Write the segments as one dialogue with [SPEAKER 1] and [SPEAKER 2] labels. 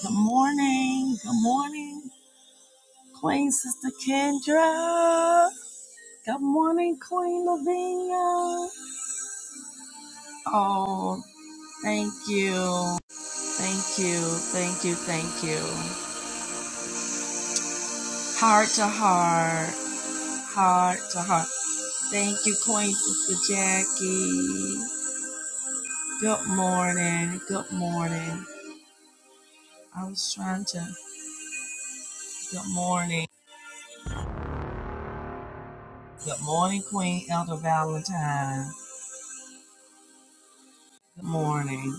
[SPEAKER 1] Good morning. Good morning, Queen Sister Kendra. Good morning, Queen Lavinia. Oh, thank you. Thank you. Thank you. Thank you. Heart to heart. Heart to heart. Thank you, Queen Sister Jackie. Good morning. Good morning. I was trying to. Good morning. Good morning, Queen Elder Valentine. Good morning.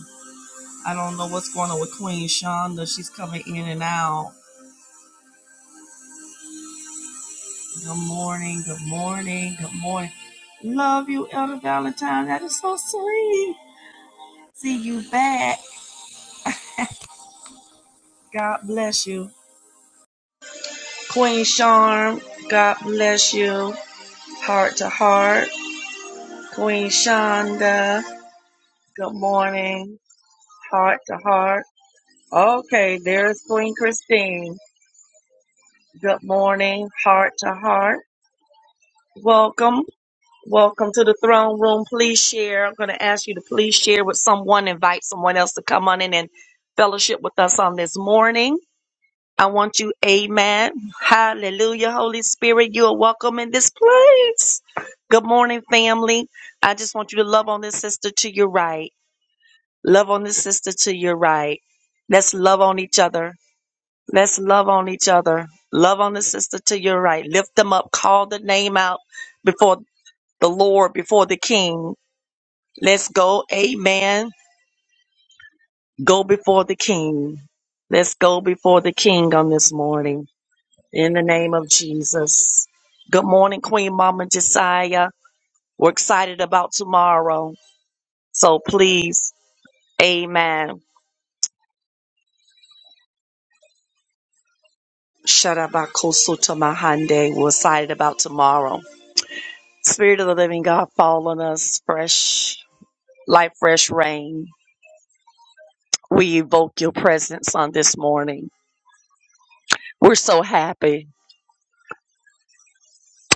[SPEAKER 1] I don't know what's going on with Queen Shonda. She's coming in and out. Good morning, good morning, good morning. Love you, Elder Valentine. That is so sweet. See you back. God bless you. Queen Charm, God bless you. Heart to heart. Queen Shonda, good morning. Heart to heart. Okay, there's Queen Christine. Good morning, heart to heart. Welcome. Welcome to the throne room. Please share. I'm going to ask you to please share with someone, invite someone else to come on in and fellowship with us on this morning. I want you, amen. Hallelujah. Holy Spirit, you are welcome in this place. Good morning, family. I just want you to love on this sister to your right. Love on this sister to your right. Let's love on each other. Let's love on each other. Love on the sister to your right. Lift them up. Call the name out before the Lord, before the King. Let's go. Amen. Go before the King. Let's go before the King on this morning in the name of Jesus. Good morning, Queen Mama Josiah. We're excited about tomorrow. So please, amen. Shadabakosotamahande. We're excited about tomorrow. Spirit of the living God, fall on us fresh, like fresh rain. We evoke your presence on this morning. We're so happy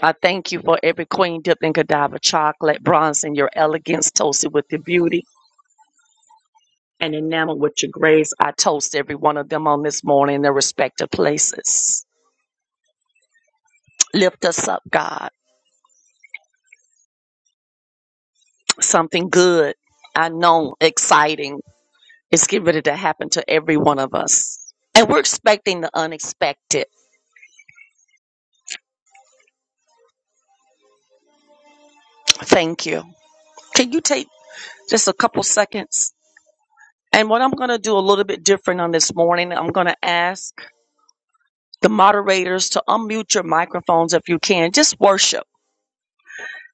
[SPEAKER 1] I thank you for every queen dipped in Godiva chocolate, bronze in your elegance, toasted with your beauty, and enamored with your grace. I toast every one of them on this morning in their respective places. Lift us up, God. Something good, I know, exciting is getting ready to happen to every one of us. And we're expecting the unexpected. Thank you. Can you take just a couple seconds? And what I'm going to do a little bit different on this morning, I'm going to ask. the moderators to unmute your microphones if you can. Just worship.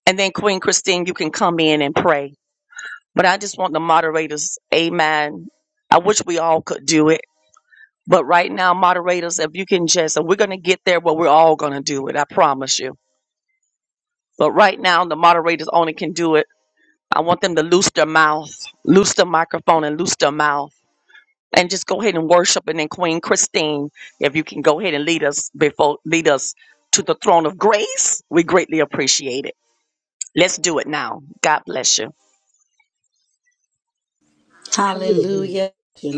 [SPEAKER 1] And then Queen Christine, you can come in and pray. But I just want the moderators, amen. I wish we all could do it. But right now, moderators, if you can just, and we're going to get there where we're all going to do it. I promise you. But right now, the moderators only can do it. I want them to loose their mouth, loose the microphone and loose their mouth. and just go ahead and worship. And then Queen Christine, if you can go ahead and lead us before lead us to the throne of grace, we greatly appreciate it. Let's do it now. God bless you. Hallelujah.
[SPEAKER 2] Hallelujah.
[SPEAKER 3] Hallelujah. To